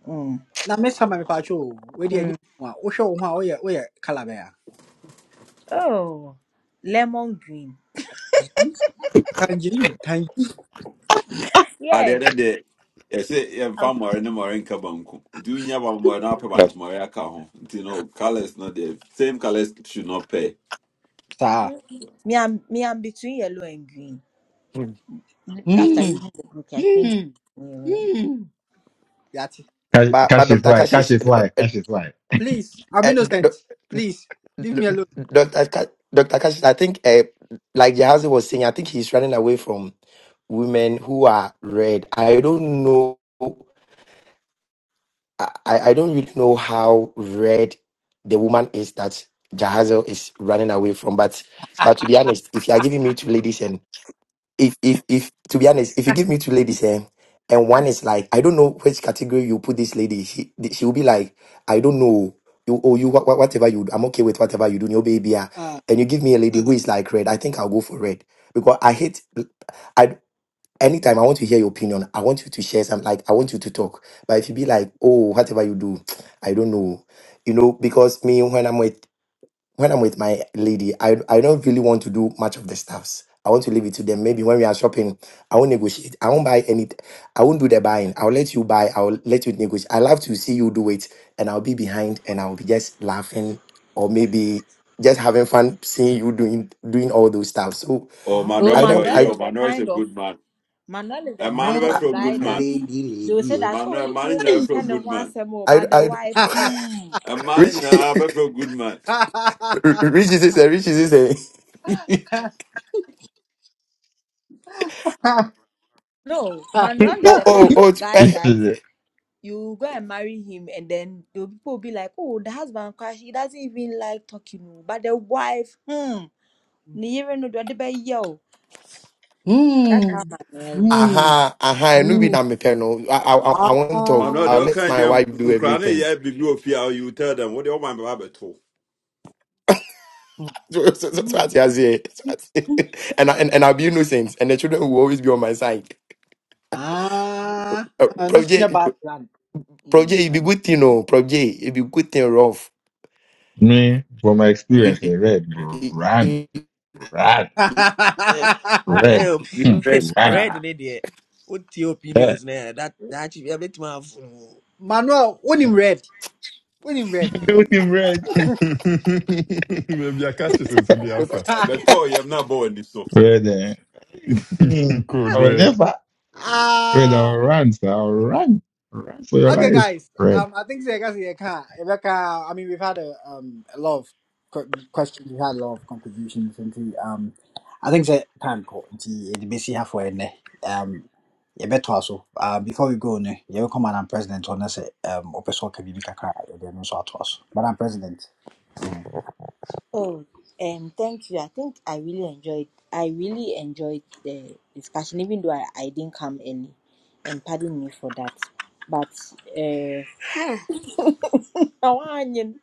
hmm. Now, Miss Hammer Pacho, where do you hmm. need one? Oh, show one, oh, yeah, oh, yeah, Calabaya. Oh, Lemon green. Tangerine, tangerine. At the Yeah. end of the day, ɛsɛ Um, yɛmfa more ne mmɔre nka banku wotumi nya bammɔre na wapɛ Ka- bankye aka ho You know, colors not the same colors should not pay Sir. Me, I'm me, I'm between yellow and green. After Hmm. reading the book, I think. Hmm. mm, Hmm. Yati. Kashi, but but Kashi Doctor fly. Cassius, Kashi fly. Kashi fly. Please, I'm innocent. Please, leave me alone. Dr. Ka- Dr. Kash, I think, uh, like Jahazi was saying, I think he's running away from women who are red. I don't know. I, I I don't really know how red the woman is that Jahazel is running away from. But but to be honest, if you are giving me two ladies if if if to be honest, if you give me two ladies here, and one is like, I don't know which category you put this lady. She she will be like, I don't know. You or you wha- wha- whatever you. do, I'm okay with whatever you do. Your baby, ah." Uh and you give me a lady who is like red. I think I'll go for red because I hate. I anytime I want to hear your opinion. I want you to share some. Like I want you to talk. But if you be like, oh, whatever you do, I don't know. You know because me when I'm with when I'm with my lady, I I don't really want to do much of the stuffs. I want to leave it to them. Maybe when we are shopping, I won't negotiate. I won't buy any. I won't do the buying. I'll let you buy. I'll let you negotiate. I love to see you do it, and I'll be behind, and I'll be just laughing, or maybe just having fun seeing you doing doing all those stuff. So oh huh. so Mano, I Mm. deɛ don't. Manuel I ɔyɛ is the Mano is a kind of good man Manuel is the ɛma no kind Uh of bɛfrɛ a good guy A that man lady, they will lady, say oh. that oh, Mano, ni ma no kunu ne nyina bɛfrɛ o mpe ne ho good man asɛm I I. but the I wife. Hmm. A man in Richie, a feel good man. huh. Richie is a Richie is a. No, Manuel is Oh the oh kind oh! of eh, guy You that see, you go and marry him, and then the people will be like, oh, the husband crash. He doesn't even like talking, o, but the wife. Hmm. Ni yere no do ade bɛyɛ o. That's how Hmm. Manuel is. Hmm. aha, aha, and be Hmm. that me pɛ no. I, I, I I won't Man, talk. no, they Ah. I'll all let kind my of wife do nkran everything. yeah big no fear. You You tell them what they all my baby to. So, so, so, so that's what you say? So what you- and, I- and and I'll be innocent, and the children will always be on my side. Ah, Uh, ano Prof sa niya J, background? Prof Hmm, J, it be ano? good thing, no. Prof J, it be good thing, rough. me, from my You, experience you, in red, bro, you, run, you, you, run, Eh, red, eh, op- you, you, you, hmm, run. red ne what your Eh, opinions no ɛ that that should be a bit more. Manuel, unim red. Unim red. With him red. I catch you since the alpha. A ah, better you have not born this so. Red, eh? hmm, Code I will red. never. Red, I'll run, sir. I'll run. Run for your okay guys. life. Um, I think Zega Zega, Rebecca, I mean, we've had a, um, a lot of qu- questions, we've had a lot of contributions into, um, I think that time call into the BC halfway in there. Um, yeah, better also. Uh, before we go, ne, you come and I'm president on us, um, open Opeso Kabibika Kra, then also at us. But I'm president. Oh, um, thank you. I think I really enjoyed. I really enjoyed the discussion, even though I, I didn't come early, and pardon me for that. But uh, oh, onion.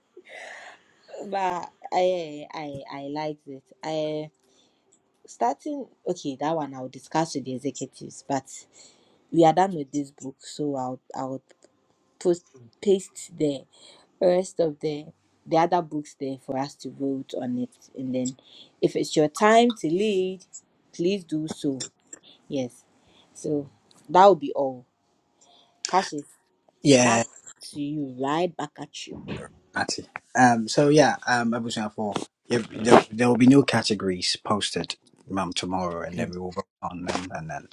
but I I I liked it. I starting okay that one I'll discuss with the executives, but we are done with this book, so I'll I'll post paste the rest of the the other books there for us to vote on it and then if it's your time to lead please do so yes so that will be all cash is back Yeah, to you right back at you Matty. Um, so yeah, um, Rebel Sound Four. Yeah, there, there will be new categories posted um tomorrow, and then we will vote on them. And then,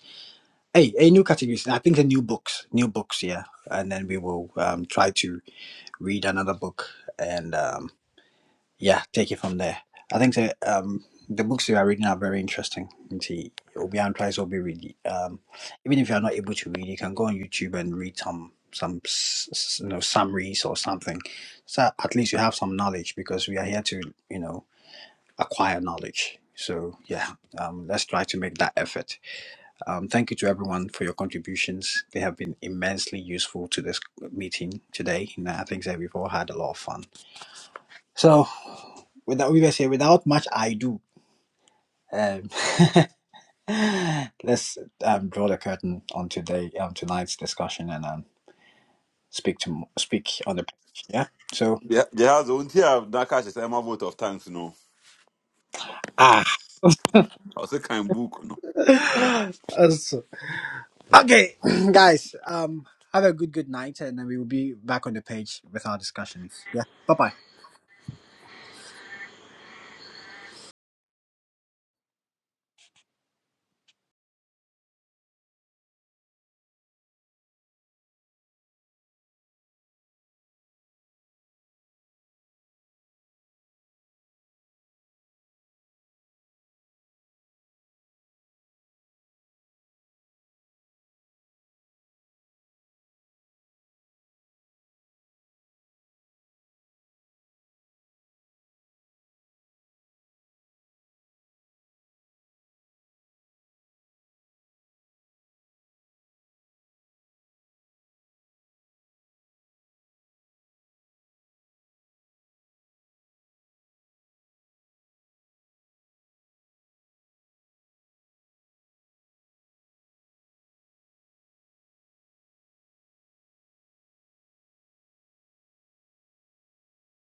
hey, hey, new categories. I think the new books, new books, yeah. And then we will um try to read another book, and um yeah, take it from there. I think the, um, the books you are reading are very interesting. Nti, Obi and tries Obi read. Um, even if you are not able to read, you can go on YouTube and read some some s- s- you know summaries or something. So at least you have some knowledge because we are here to you know acquire knowledge. So yeah, um, let's try to make that effort. Um, thank you to everyone for your contributions. They have been immensely useful to this meeting today, and I think that we've all had a lot of fun. So without we were saying without much I do. Um, let's um, draw the curtain on today um, tonight's discussion and um, speak to speak on the page. Yeah. So Yeah, they has only have that catches. I'm a vote of thanks no. ah, I was a kind book no. That's- okay, guys. Um, have a good good night, and then we will be back on the page with our discussions. Yeah. Bye bye.